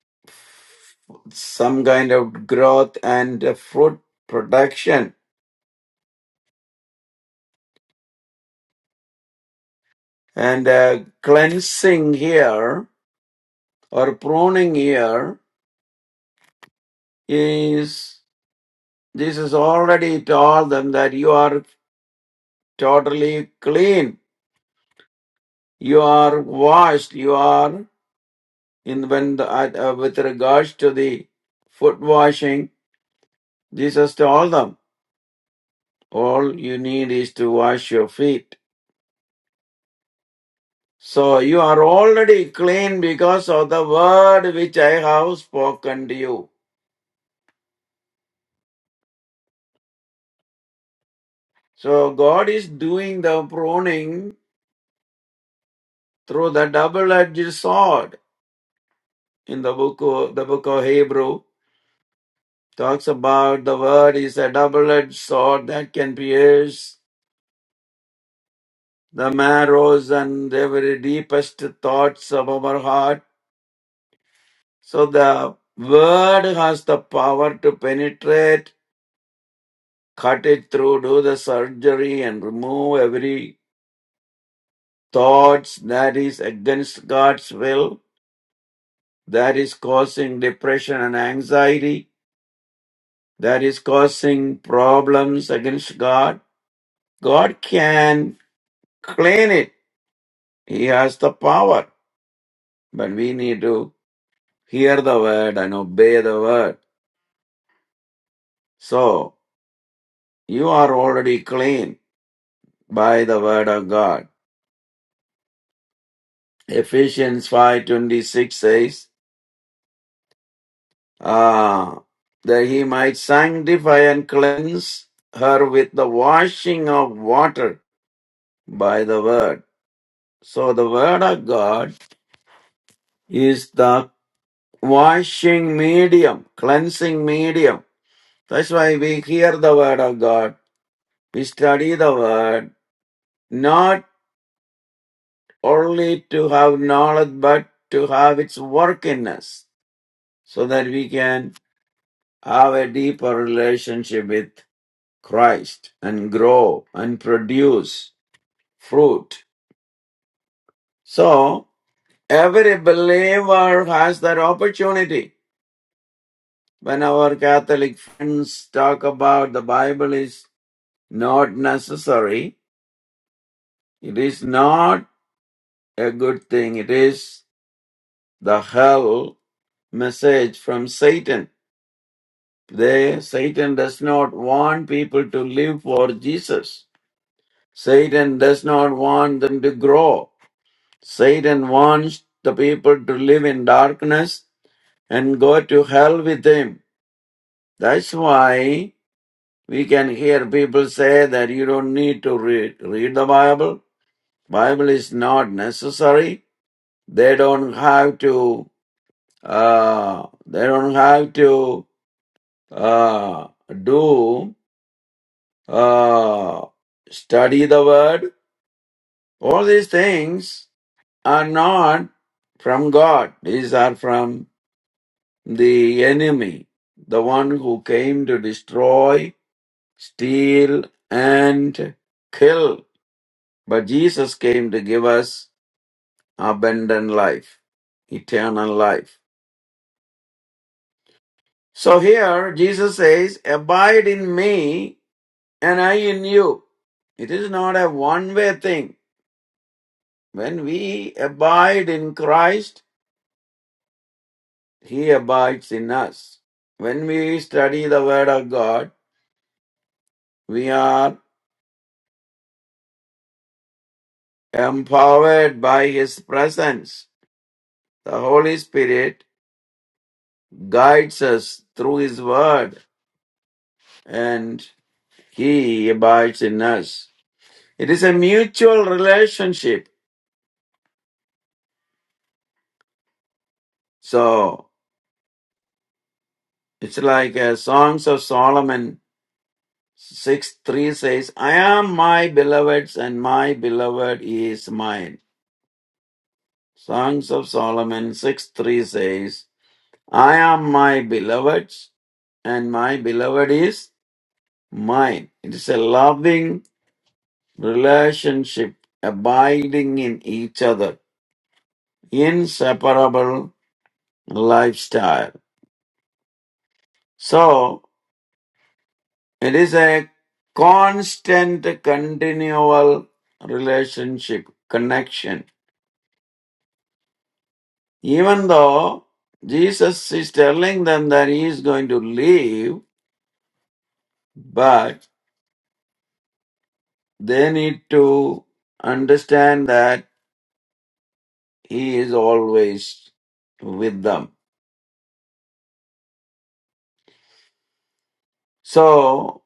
[SPEAKER 4] some kind of growth and uh, fruit production and uh, cleansing here or pruning here is this is already told them that you are totally clean you are washed you are in when the, uh, uh, with regards to the foot washing jesus told them all you need is to wash your feet So you are already clean because of the word which I have spoken to you. So God is doing the pruning through the double-edged sword. In the book of, the book of Hebrew talks about the word is a double-edged sword that can pierce the marrows and the very deepest thoughts of our heart. So the word has the power to penetrate cut it through, do the surgery and remove every thoughts that is against God's will, that is causing depression and anxiety, that is causing problems against God. God can clean it. He has the power, but we need to hear the word and obey the word. So, you are already clean by the word of God. Ephesians 5:26 says uh, that he might sanctify and cleanse her with the washing of water by the word. So the word of God is the washing medium, cleansing medium. That's why we hear the word of God. We study the word not only to have knowledge but to have its work in us so that we can have a deeper relationship with Christ and grow and produce fruit. So every believer has that opportunity. When our Catholic friends talk about the Bible is not necessary, it is not a good thing. It is the hell message from Satan. They, Satan does not want people to live for Jesus. Satan does not want them to grow. Satan wants the people to live in darkness and go to hell with him. That's why we can hear people say that you don't need to read, read the Bible. Bible is not necessary. They don't have to, uh, they don't have to, uh, do, uh, study the word. All these things are not from God. These are from the enemy, the one who came to destroy, steal, and kill. But Jesus came to give us abundant life, eternal life. So here Jesus says, Abide in me and I in you. It is not a one way thing. When we abide in Christ, He abides in us. When we study the Word of God, we are Empowered by His presence, the Holy Spirit guides us through His Word and He abides in us. It is a mutual relationship. So it's like uh, Songs of Solomon 6 3 says, I am my beloved's and my beloved is mine. Songs of Solomon 6 3 says, I am my beloved's and my beloved is mine. It is a loving relationship, abiding in each other, inseparable lifestyle. So it is a constant, continual relationship, connection. Even though Jesus is telling them that he is going to leave, but they need to understand that he is always with them. So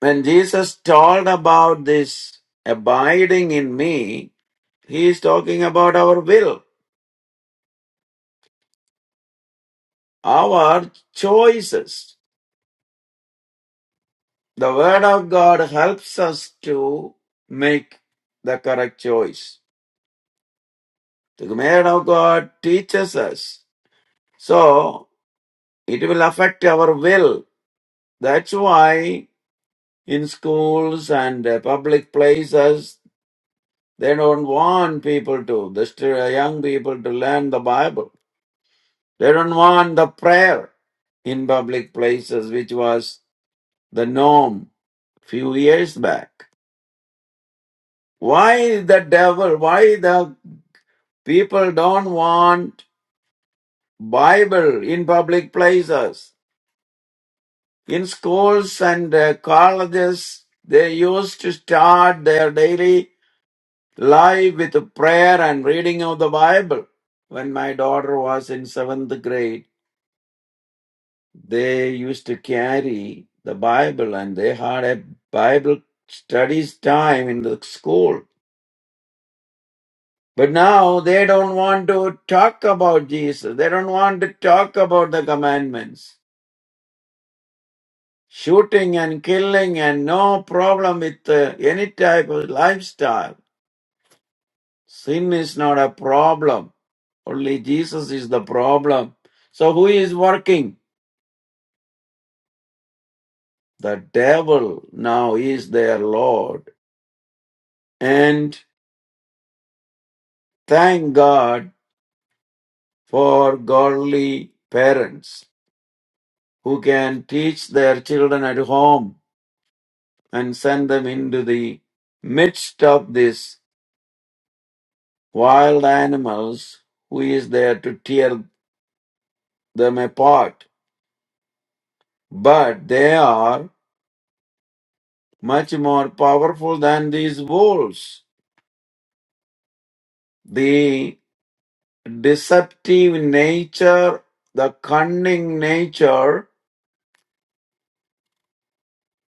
[SPEAKER 4] when Jesus told about this abiding in me, he is talking about our will, our choices. The Word of God helps us to make the correct choice. The Word of God teaches us. So, it will affect our will. That's why in schools and uh, public places, they don't want people to, the stu- young people to learn the Bible They don't want the prayer in public places, which was the norm few years back. Why the devil, why the people don't want Bible in public places? In schools and uh, colleges, they used to start their daily life with prayer and reading of the Bible. When my daughter was in seventh grade, they used to carry the Bible and they had a Bible studies time in the school. But now they don't want to talk about Jesus. They don't want to talk about the commandments. Shooting and killing and no problem with uh, any type of lifestyle. Sin is not a problem. Only Jesus is the problem. So who is working? The devil now is their Lord. And thank God for godly parents who can teach their children at home and send them into the midst of these wild animals who is there to tear them apart. But they are much more powerful than these wolves. The deceptive nature, the cunning nature,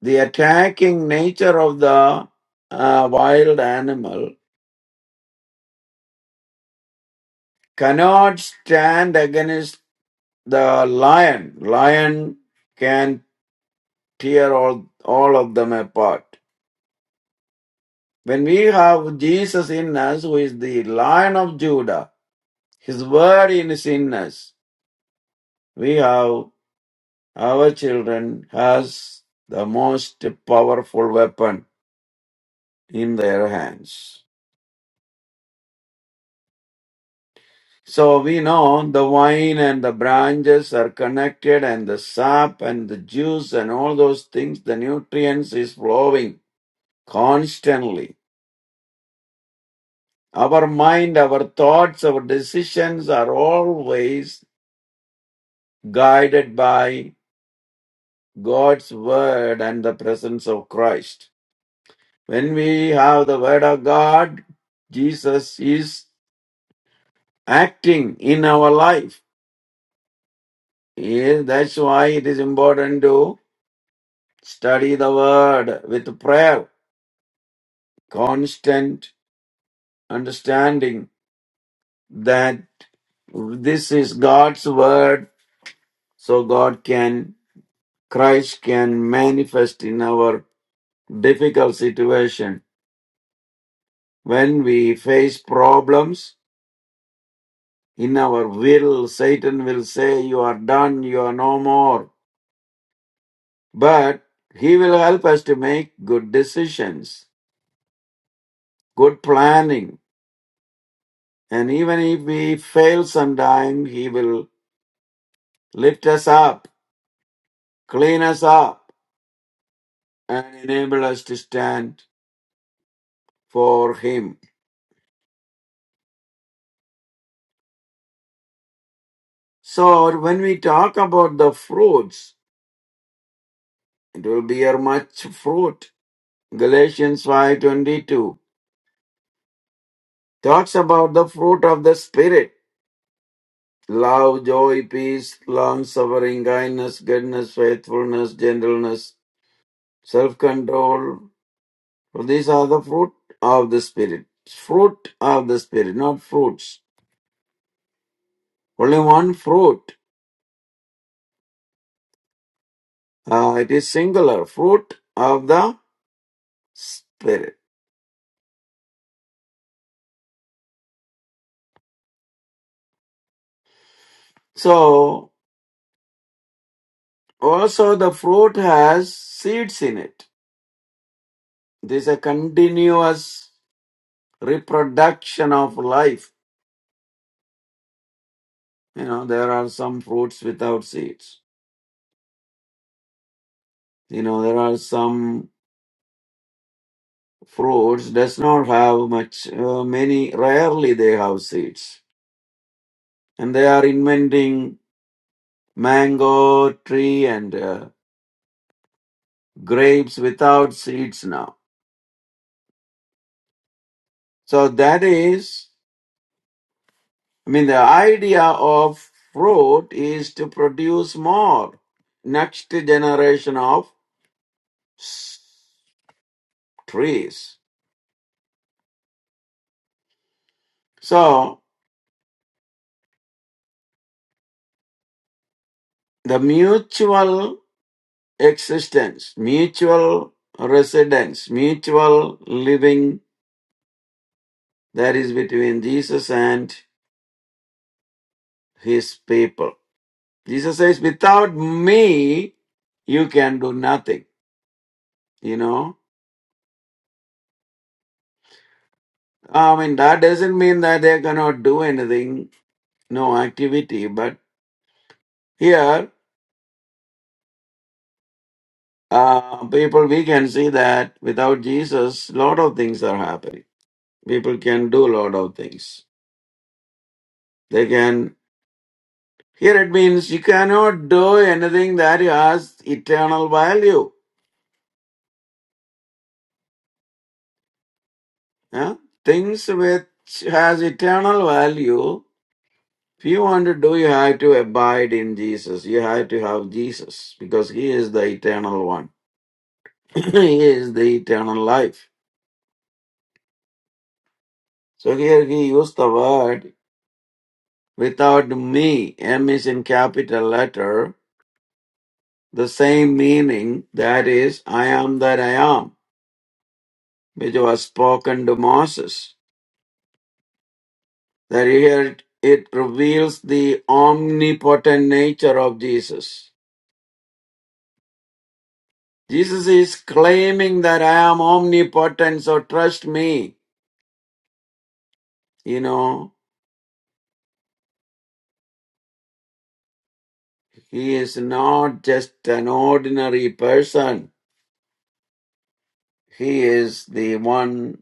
[SPEAKER 4] the attacking nature of the uh, wild animal cannot stand against the lion. Lion can tear all, all of them apart. When we have Jesus in us, who is the lion of Judah, his word is in us, we have our children has the most powerful weapon in their hands. So we know the vine and the branches are connected and the sap and the juice and all those things, the nutrients is flowing constantly. Our mind, our thoughts, our decisions are always guided by God's word and the presence of Christ. When we have the word of God, Jesus is acting in our life. Yeah, That's why it is important to study the word with prayer, constant understanding that this is God's word, so God can Christ can manifest in our difficult situation. When we face problems in our will, Satan will say, You are done, you are no more. But he will help us to make good decisions, good planning. And even if we fail sometime, he will lift us up, clean us up, and enable us to stand for him. So when we talk about the fruits, It will bear much fruit. Galatians 5:22 talks about the fruit of the spirit: love, joy, peace, long suffering, kindness, goodness, faithfulness, gentleness, self-control. For these are the fruit of the spirit. Fruit of the spirit, not fruits. Only one fruit. Uh, it is singular. Fruit of the spirit. So also the fruit has seeds in it This is a continuous reproduction of life. You know, there are some fruits without seeds. You know, there are some fruits does not have much, uh, many, rarely they have seeds. And they are inventing mango tree and uh, grapes without seeds now. So that is, I mean, the idea of fruit is to produce more next generation of s- trees So the mutual existence, mutual residence, mutual living that is between Jesus and his people. Jesus says, without me, you can do nothing. You know, I mean, that doesn't mean that they cannot do anything, no activity. But here, uh, people, we can see that without Jesus, lot of things are happening. People can do lot of things. They can Here it means you cannot do anything that has eternal value. huh? Things which has eternal value, if you want to do, you have to abide in Jesus. You have to have Jesus because He is the eternal one. he is the eternal life. So here he used the word without me. M is in capital letter. The same meaning that is, I am that I am, which was spoken to Moses. that here it reveals the omnipotent nature of Jesus. Jesus is claiming that I am omnipotent, so trust me. You know, he is not just an ordinary person. He is the one,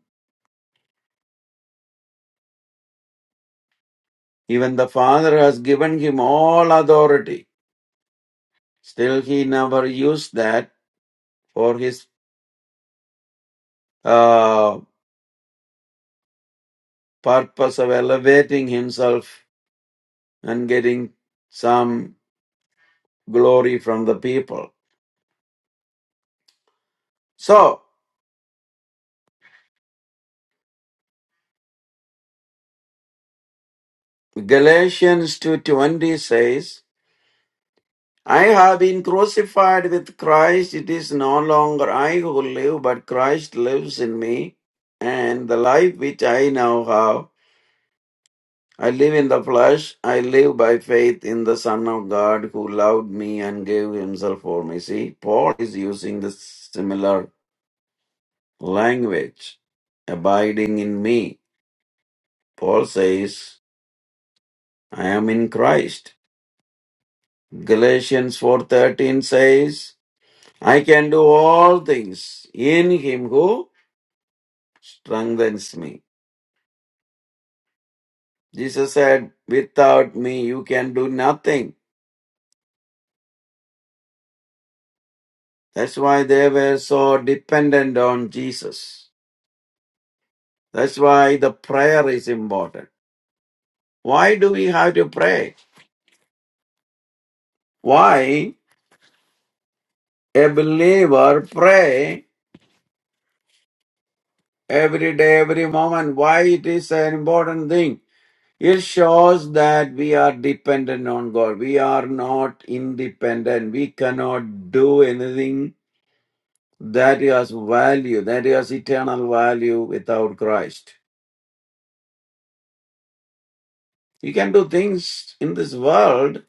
[SPEAKER 4] even the Father has given him all authority. Still, he never used that for his uh, purpose of elevating himself and getting some glory from the people. So Galatians 2:20 says, I have been crucified with Christ. It is no longer I who live, but Christ lives in me. And the life which I now have, I live in the flesh. I live by faith in the Son of God who loved me and gave himself for me. See, Paul is using the similar language, abiding in me. Paul says, I am in Christ. Galatians 4:13 says, I can do all things in him who strengthens me. Jesus said, without me you can do nothing. That's why they were so dependent on Jesus. That's why the prayer is important. Why do we have to pray? Why a believer pray every day, every moment? Why it is an important thing? It shows that we are dependent on God. We are not independent. We cannot do anything that has value, that has eternal value without Christ. You can do things in this world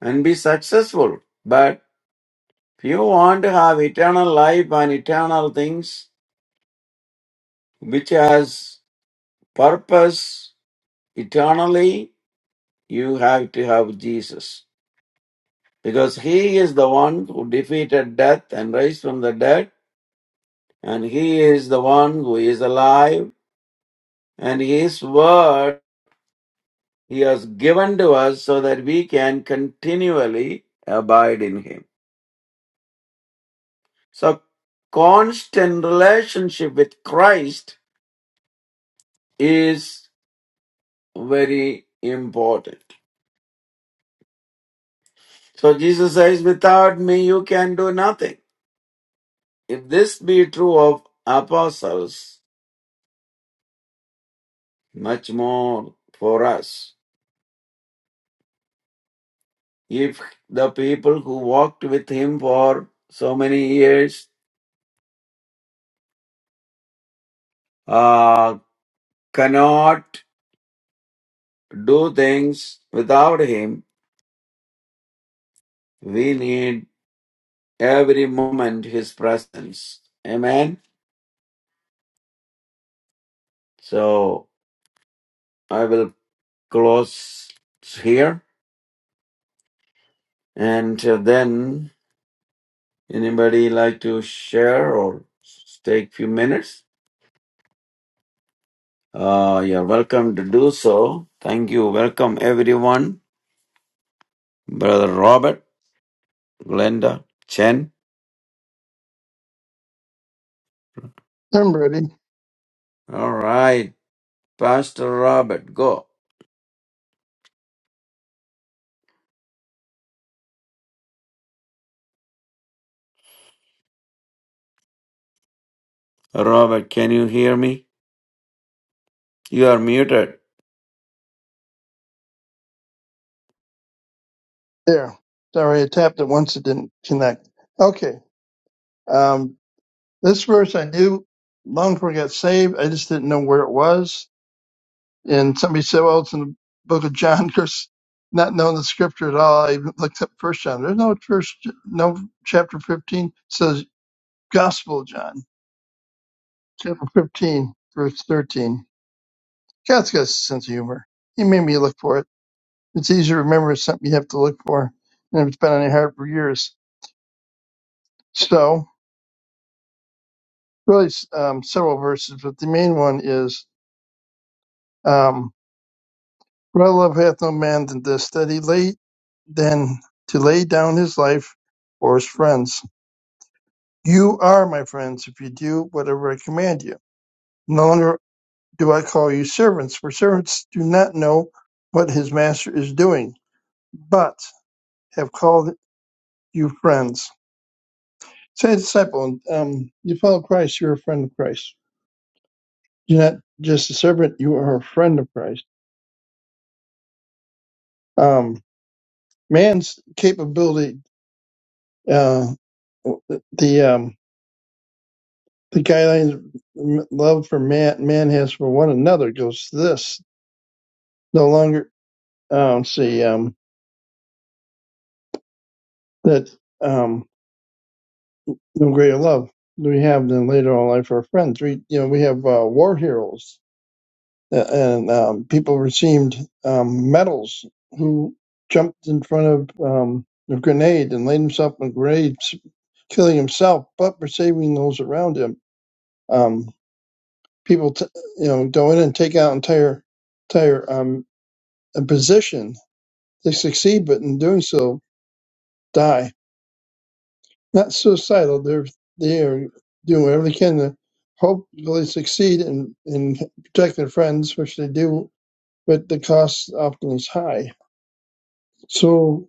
[SPEAKER 4] and be successful, but if you want to have eternal life and eternal things which has purpose eternally, you have to have Jesus. Because he is the one who defeated death and raised from the dead and he is the one who is alive, and his word he has given to us so that we can continually abide in him. So, constant relationship with Christ is very important. So, Jesus says, Without me, you can do nothing. If this be true of apostles, much more for us. If the people who walked with him for so many years uh, cannot do things without Him. We need every moment His presence. Amen. So I will close here, and uh, then anybody like to share or s- take few minutes? Uh, you're welcome to do so. Thank you. Welcome everyone, Brother Robert, Glenda, Chen.
[SPEAKER 5] I'm ready.
[SPEAKER 4] All right, Pastor Robert, go. Robert, can you hear me? You are muted.
[SPEAKER 5] There. Sorry, I tapped it once. It didn't connect. Okay. Um, this verse I knew long before I got saved. I just didn't know where it was. And somebody said, well, it's in the book of John. Of course, not knowing the scripture at all, I even looked up First John. There's no first, no chapter 15. It says Gospel of John, chapter 15, verse 13. God's got a sense of humor. He made me look for it. It's easy to remember it's something you have to look for, and it's been on your heart for years. So, really, um, several verses, but the main one is, um, "Greater love hath no man than this, that he lay than to lay down his life for his friends. You are my friends if you do whatever I command you. No longer do I call you servants, for servants do not know what his master is doing, but have called you friends. Say, a disciple, um, you follow Christ, you're a friend of Christ. You're not just a servant, you are a friend of Christ. Um, man's capability, uh, the, um, the guidelines love for man, man has for one another goes to this. No longer, um, see, um, that, um, no greater love do we have than later on life our friends. We, you know, we have, uh, war heroes uh, and um, people received um, medals who jumped in front of um, a grenade and laid himself in a grenade, killing himself, but for saving those around him. Um, people, t- you know, go in and take out entire entire um, a position. They succeed, but in doing so, die. Not suicidal. They're they are doing whatever they can to hopefully succeed and and protect their friends, which they do, but the cost often is high So,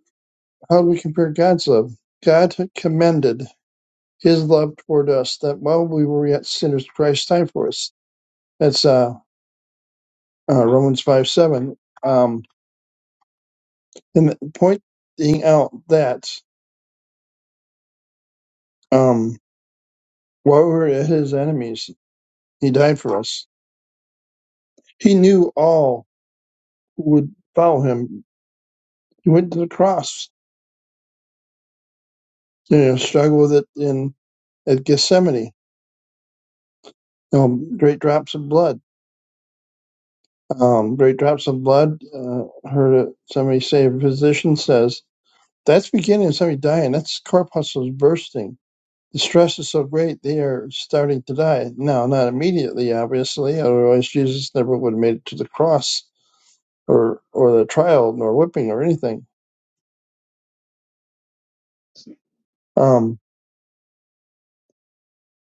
[SPEAKER 5] how do we compare God's love? God commended his love toward us that while we were yet sinners, Christ died for us. That's uh, uh, Romans 5 7. Um, and pointing out that um, while we were his enemies, he died for us. He knew all who would follow him. He went to the cross, you know, struggled with it in at Gethsemane, you know, great drops of blood Um, Great Drops of Blood, uh, heard it- somebody say, a physician says, that's beginning of somebody dying. That's corpuscles bursting. The stress is so great, they are starting to die. Now, not immediately, obviously, otherwise Jesus never would have made it to the cross or, or the trial, nor whipping or anything. Um,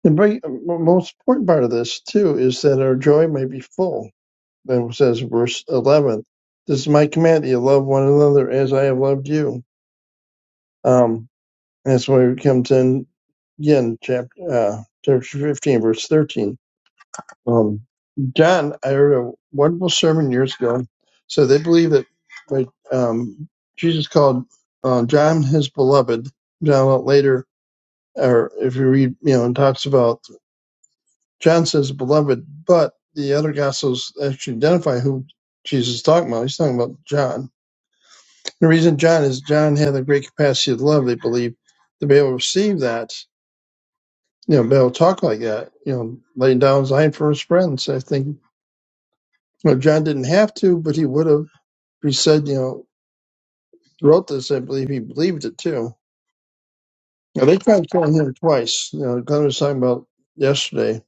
[SPEAKER 5] the very- most important part of this, too, is that our joy may be full. That says verse 11. This is my command that you love one another as I have loved you. Um, That's why we come to again chapter uh, chapter fifteen, verse thirteen. Um, John, I heard a wonderful sermon years ago. So they believe that like, um, Jesus called uh, John his beloved. John later, or if you read, you know, it talks about John says beloved, but the other gospels actually identify who Jesus is talking about. He's talking about John. The reason John is John had the great capacity of love. They believe to be able to receive that you know, be able to talk like that, you know, laying down his line for his friends. I think you know, John didn't have to, but he would have. He said, you know, wrote this, I believe he believed it too. Now, they tried killing him twice. You know, Glenn was talking about yesterday.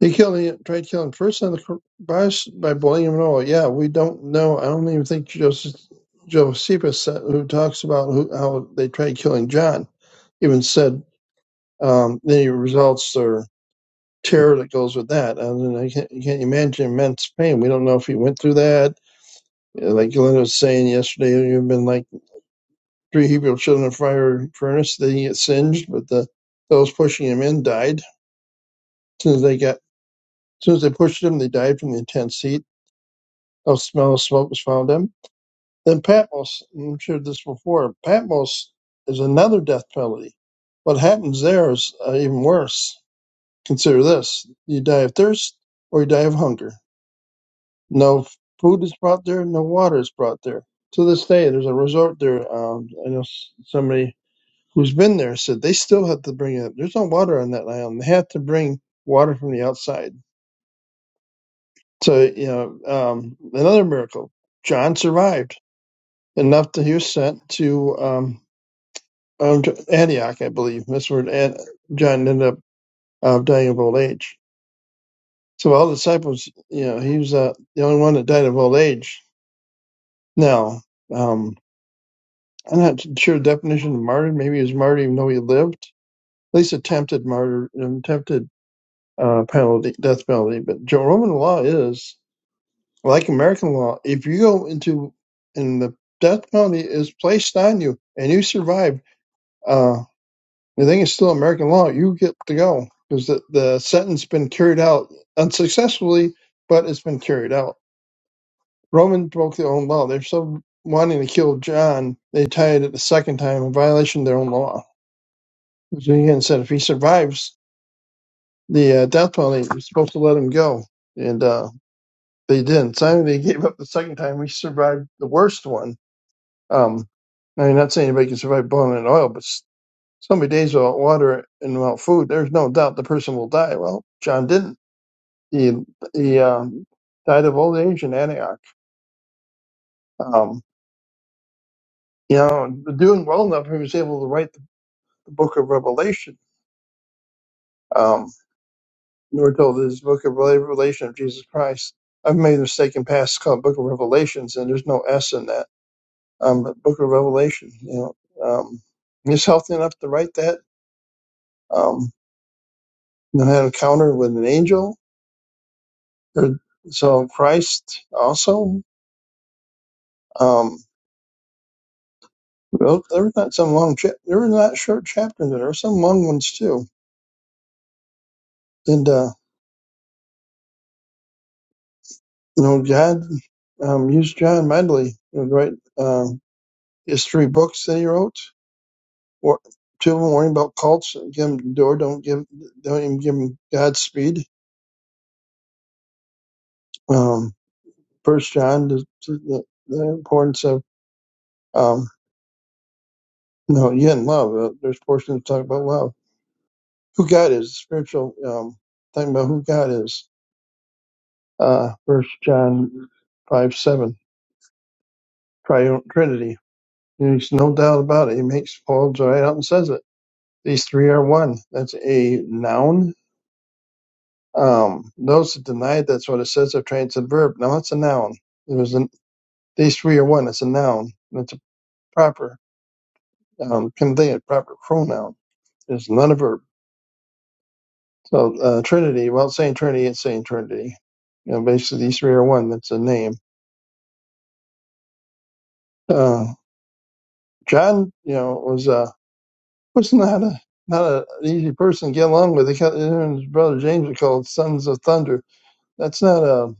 [SPEAKER 5] They killed, him. tried killing him first on the cr- bus by boiling him in oil. Yeah, we don't know. I don't even think Joseph, Josephus, said, who talks about who, how they tried killing John, even said um, the results are. terror that goes with that. I mean, I can't, you can't imagine immense pain. We don't know if he went through that. Uh, Like Glenn was saying yesterday, you've been like three Hebrew children in a fire furnace. They get singed, but the those pushing him in died. As soon as they got, as soon as they pushed him, they died from the intense heat. A smell of smoke was found them. Then Patmos, I've shared this before. Patmos is another death penalty. What happens there is uh, even worse. Consider this: you die of thirst, or you die of hunger No food is brought there, no water is brought there. To this day, there's a resort there. Um, I know s- somebody who's been there said they still have to bring it. There's no water on that island. They have to bring water from the outside. So, you know, um, another miracle. John survived enough that he was sent to um, um, to Antioch, I believe. That's where An- John ended up uh, dying of old age. So, all the disciples, you know, he was uh, the only one that died of old age. Now, um, I'm not sure the definition of martyr. Maybe he was martyr even though he lived. At least attempted martyr, attempted uh, penalty, death penalty. But Jo- Roman law is like American law. If you go into and the death penalty is placed on you and you survive, uh, the thing is still American law. You get to go because the, the sentence been carried out unsuccessfully, but it's been carried out. Roman broke their own law. They're so wanting to kill John, they tied it the second time in violation of their own law. Julian said if he survives the uh, death penalty, we're supposed to let him go, and uh, they didn't. So they gave up the second time. We survived the worst one. Um, I mean, not saying anybody can survive boiling in oil, but s- so many days without water and without food, there's no doubt the person will die. Well, John didn't. He he uh, died of old age in Antioch. Um, you know, doing well enough, he was able to write the, the Book of Revelation. Um, And we're told that this book of revelation of Jesus Christ. I've made a mistake in past it's called Book of Revelations, and there's no S in that. Um, but Book of Revelation, you know, um, just healthy enough to write that. Um, you know, had an encounter with an angel, or, so Christ also. Um, wrote, there were not some long, chap there were not short chapters, in there There were some long ones too. And uh, you know, God um, used John Medley, you know, to write uh, his three books that he wrote Or two of them worrying about cults. Give them the door. Don't give. Don't even give them Godspeed. Um, First John, the, the, the importance of um, no, you in love. Uh, there's portions that talk about love. Who God is, spiritual. Um, talking about who God is. Uh, First John five seven, triune Trinity. There's no doubt about it. He makes Paul dry out and says it. These three are one. That's a noun Um, those that deny that's what it says are trained to the verb. Now that's a noun. It was an, these three are one. It's a noun. And it's a proper um, conveyant, proper pronoun. It's not a verb. So uh, Trinity, well, it's saying Trinity, it's saying Trinity. You know, basically these three are one. That's a name. Uh, John, you know, was uh, was not a not a, an easy person to get along with. They called, him and his brother James are called sons of thunder. That's not a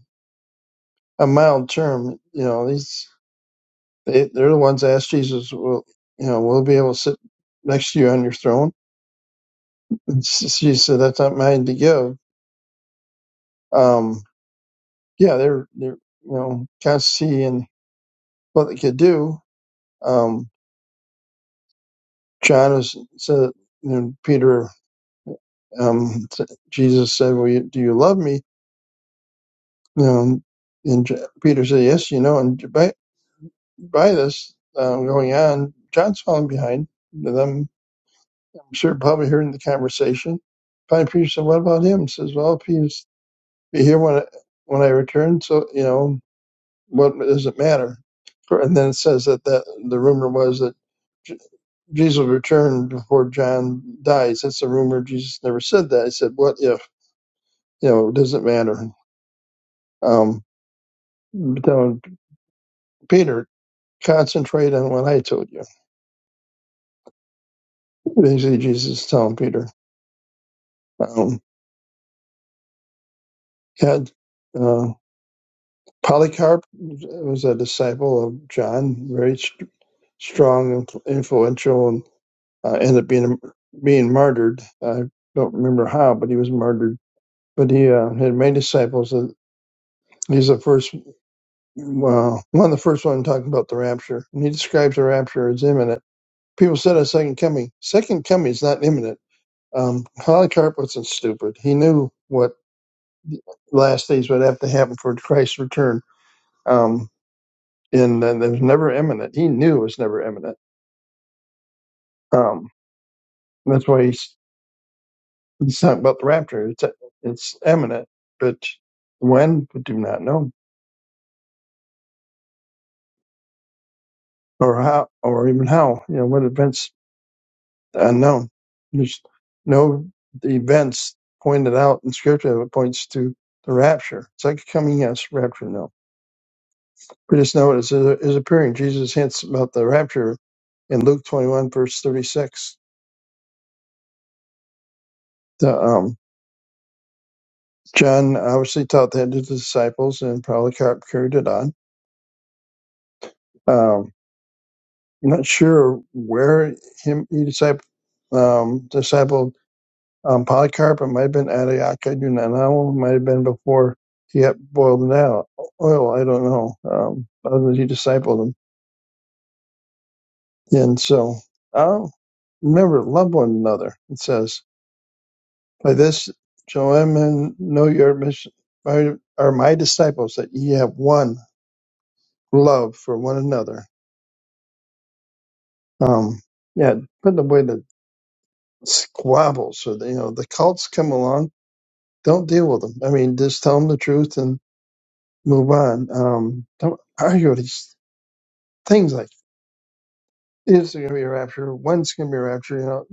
[SPEAKER 5] a mild term. You know, these. They, they're the ones that asked Jesus, well, you know, we'll be able to sit next to you on your throne. And Jesus said, that's not mine to give. Um, yeah, they're, they're, you know, kind of seeing what they could do. Um, John is, said, you know, Peter, um, s- Jesus said, well, you, do you love me? You know, and J- Peter said, yes, you know, and by, by this, um, going on, John's falling behind them sure probably hearing the conversation. Finally, Peter said, "What about him?" Says, "Well, if he's be here when I, when I return, so you know what does it matter?" And then it says that, that the rumor was that J- Jesus will return before John dies. That's a rumor. Jesus never said that. He said, "What if you know? Does not matter?" Um, but telling Peter, concentrate on what I told you. Basically, Jesus is telling Peter, um, "God." uh, Polycarp was a disciple of John, very st- strong and influential, and uh, ended up being being martyred. I don't remember how, but he was martyred. But he uh, had many disciples. And he's the first, uh, one of the first one talking about the rapture, and he describes the rapture as imminent. People said a second coming. Second coming is not imminent. Um, Polycarp wasn't stupid. He knew what last days would have to happen for Christ's return. Um, and then it was never imminent. He knew it was never imminent. Um, that's why he's he's talking about the rapture. It's it's imminent, but when we do not know, or how, or even how. You know, what events unknown. There's no events pointed out in Scripture that points to the rapture. It's like coming, yes, rapture, no. We just know it is, is appearing. Jesus hints about the rapture in Luke 21, verse 36. The um, John obviously taught that to the disciples, and Polycarp carried it on. Um, I'm not sure where him he disciple um, discipled um, Polycarp. It might have been Antioch. I do not know. It might have been before he got boiled in oil. oil, I don't know. Um, other than he discipled him, and so oh, remember, love one another. It says, "By this shall men know your mission, are my disciples, that ye have one love for one another." Um, yeah, putting away the squabbles or the, you know, the cults come along, don't deal with them. I mean, just tell them the truth and move on. Um, don't argue with these things like, is there going to be a rapture? When's going to be a rapture? You know,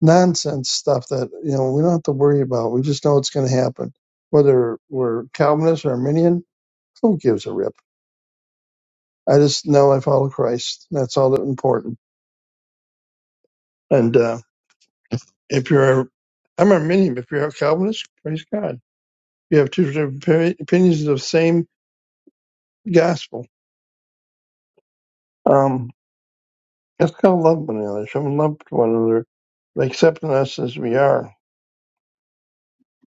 [SPEAKER 5] nonsense stuff that, you know, we don't have to worry about. We just know it's going to happen. Whether we're Calvinist or Arminian, who gives a rip? I just know I follow Christ. That's all that important. And, uh, if you're, a, I'm Arminian, but if you're a Calvinist, praise God You have two different opinions of the same gospel. Um, that's called love one another. Someone love one another, by accepting us as we are.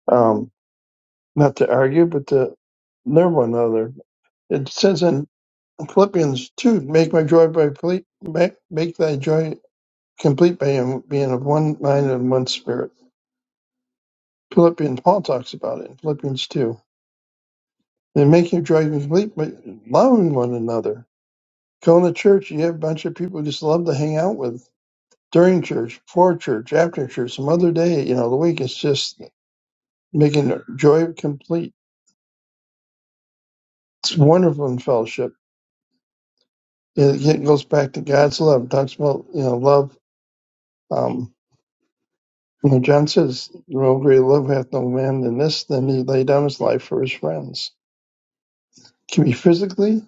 [SPEAKER 5] Um, not to argue, but to love one another. It says in Philippians two, make my joy by ple- make, make thy joy complete by being of one mind and one spirit. Philippians Paul talks about it in Philippians two. And make your joy complete by loving one another. Go in the church, you have a bunch of people you just love to hang out with during church, before church, after church, some other day, you know, the week. It's just making joy complete. It's wonderful in fellowship. It, it goes back to God's love. It talks about, you know, love. Um, you know, John says, no greater love hath no man than this, than he lay down his life for his friends. It Can be physically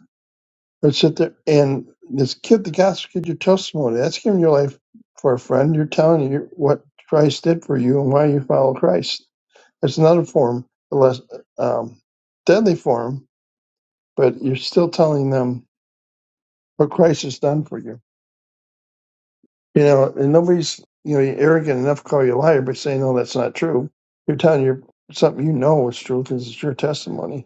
[SPEAKER 5] or sit there and this kid, the gospel kid, your testimony. That's giving your life for a friend. You're telling you what Christ did for you and why you follow Christ It's another form, a less um, deadly form, but you're still telling them what Christ has done for you. You know, and nobody's you know you're arrogant enough to call you a liar, by saying no, that's not true. You're telling your something you know is true because it's your testimony.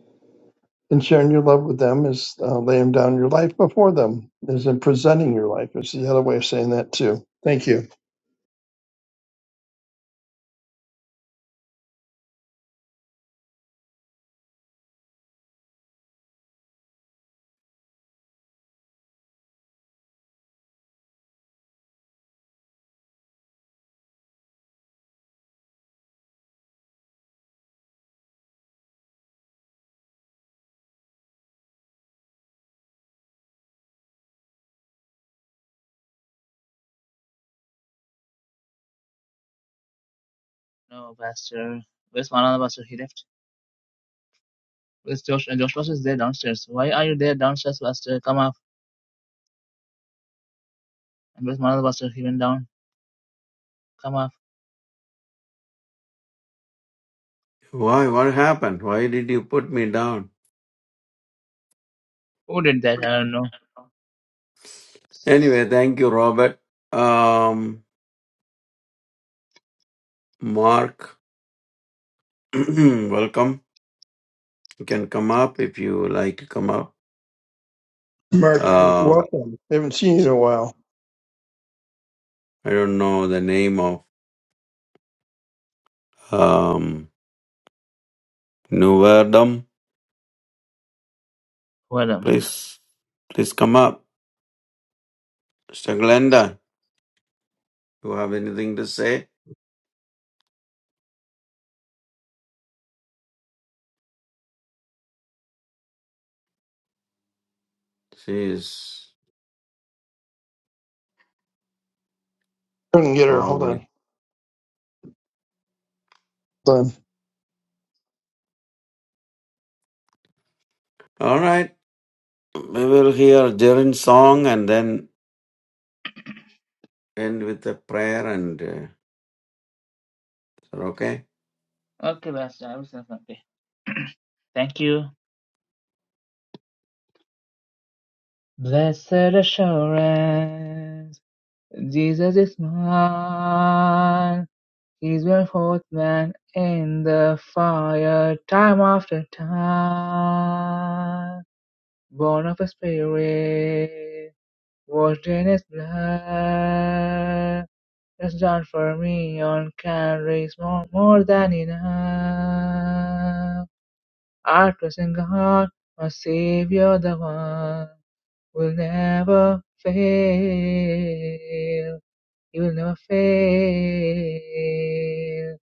[SPEAKER 5] And sharing your love with them is uh, laying down your life before them, is in presenting your life. It's the other way of saying that too. Thank you,
[SPEAKER 1] No, Pastor. Where's Manana Pastor? He left. Where's Josh? And Josh Pastor is there downstairs. Why are you there downstairs, Pastor? Come up. And where's Manana Pastor? He went down. Come up.
[SPEAKER 4] Why? What happened? Why did you put me down?
[SPEAKER 1] Who did that? I don't know.
[SPEAKER 4] Anyway, thank you, Robert. Um, Mark, welcome. You can come up if you like to come up.
[SPEAKER 5] Mark.
[SPEAKER 4] Um,
[SPEAKER 5] Welcome. haven't seen you in a while.
[SPEAKER 4] I don't know the name of um Nuverdum.
[SPEAKER 1] Well
[SPEAKER 4] Please, please come up, Mr. Glenda. You have anything to say? She is
[SPEAKER 5] Couldn't get her. Hold
[SPEAKER 4] probably
[SPEAKER 5] on. Hold on.
[SPEAKER 4] all right. We will hear Jaren's song and then end with a prayer and uh, is that okay.
[SPEAKER 1] Okay, Pastor, I will send something. Thank you. Blessed assurance, Jesus is mine. He's my fourth man in the fire, time after time. Born of a spirit, washed in his blood. Has done for me on Calvary's more, more than enough. I trust in God, my Savior, the one. will never fail. He will never fail.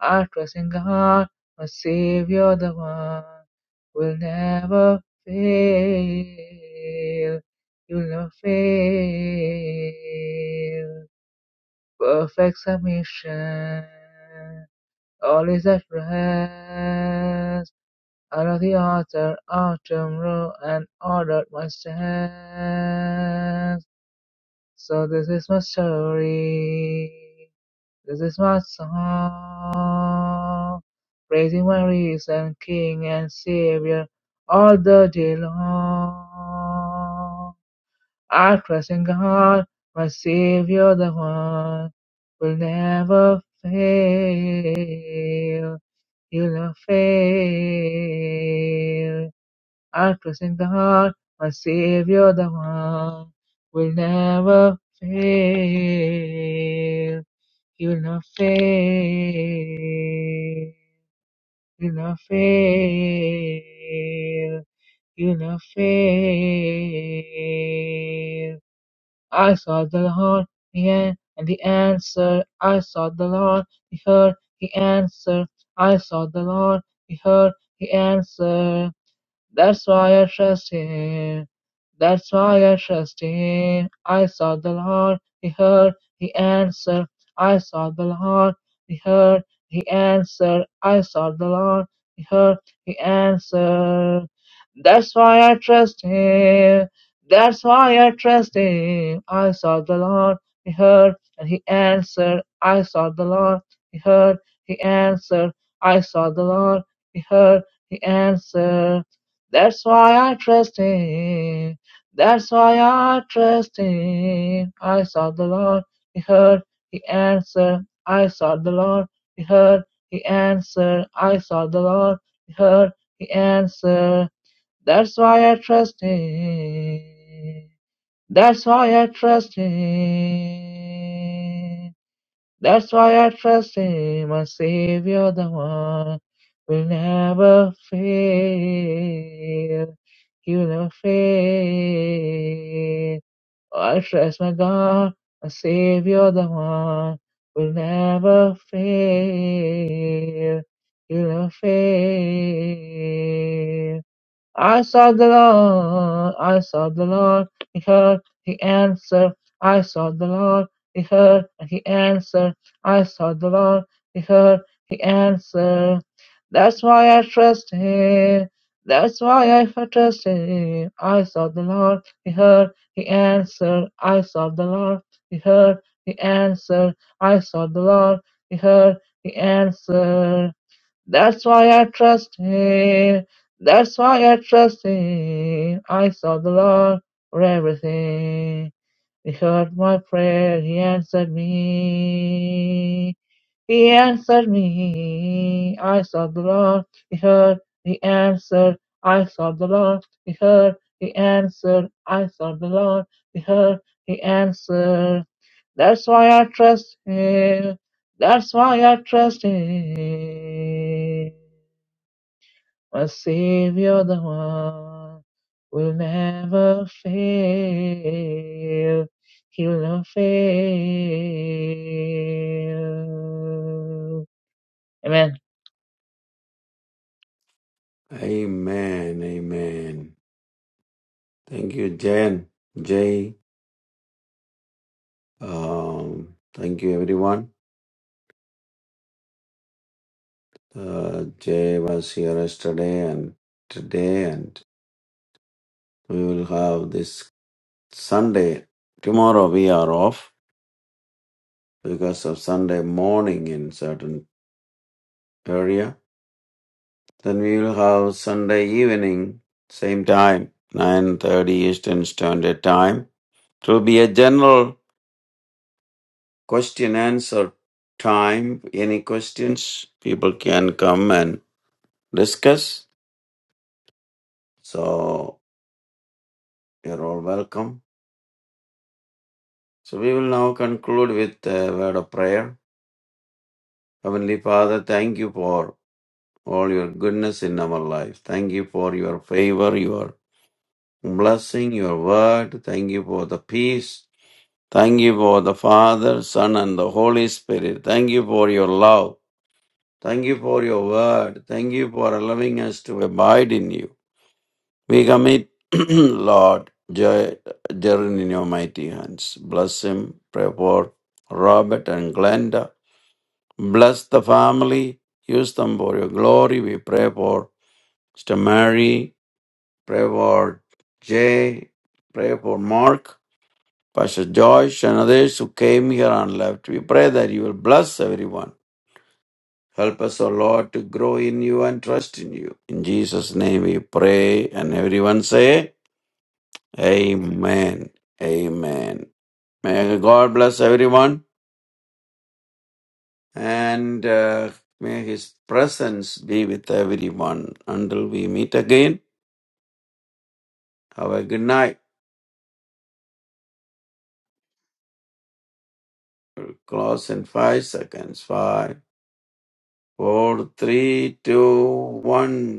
[SPEAKER 1] I thank God, my Savior, the one will never fail. He will never fail. Perfect submission. All is at rest. Out of the altar, autumn row, and ordered my steps. So this is my story. This is my song. Praising my risen King and Savior all the day long. I trust in God, my Savior, the one will never fail. He'll never fail. I trust in God, my Savior, the one will never fail. You will not fail. You will not fail. You will not fail. I sought the Lord, He an- and the answer. I sought the Lord, he heard He answered. I sought the Lord, he heard He answered. That's why I trust him. That's why I the Lord, he heard He answered. I sought the Lord, he heard He answered, I sought the Lord. He heard. he answered. That's why I trust him. That's why I trust him. I sought the Lord. He heard and he answered. I sought the Lord. He heard. He answered. I sought the Lord. He heard. He answered. That's why I trust him. That's why I trust him. I sought the Lord. He heard. He answered. I sought the Lord. He heard he answered, I saw the Lord. He heard. He answered, That's why I trust Him. That's why I trust Him. That's why I trust Him, my Savior, the one will never fail. He will never fail. I trust my God, my Savior, the one will never fail. He'll never fail. I saw the Lord, I saw the Lord, he heard, he answered. I saw the Lord, he heard, and he answered. I saw the Lord, he heard, he answered. That's why I trust him. That's why I trust him. I saw the Lord, he heard, he answered. I saw the Lord, he heard, he answered. I saw the Lord, he heard, he answered. That's why I trust Him. That's why I trust Him. I saw the Lord for everything. He heard my prayer. He answered me. He answered me. I saw the Lord. He heard. He answered. I saw the Lord. He heard. He answered. I saw the Lord. He heard. He answered. That's why I trust Him. That's why I trust Him. My Savior, the one will never fail. He will never fail. Amen.
[SPEAKER 4] Amen. Amen. Thank you, Jen. Jay. Um, thank you, everyone. Uh, Jay was here yesterday and today, and we will have this Sunday. Tomorrow we are off because of Sunday morning in certain area. Then we will have Sunday evening, same time, 9.30 Eastern Standard Time. It will be a general question answer time. Any questions? People can come and discuss. So you're all welcome. So we will now conclude with a word of prayer. Heavenly Father, thank you for all your goodness in our life. Thank you for your favor, your blessing, your word. Thank you for the peace. Thank you for the Father, Son, and the Holy Spirit. Thank you for your love. Thank you for your word. Thank you for allowing us to abide in you. We commit, Lord, Jer- Jaren in your mighty hands. Bless him, pray for Robert and Glenda. Bless the family. Use them for your glory. We pray for Sister Mary. Pray for Jay. Pray for Mark, Pastor Joyce, and others who came here and left. We pray that you will bless everyone. Help us, O Lord, to grow in you and trust in you. In Jesus' name we pray. And everyone say, Amen. Amen. May God bless everyone and uh, may His presence be with everyone until we meet again. Have a good night. We'll close in five seconds. Five, four, three, two, one.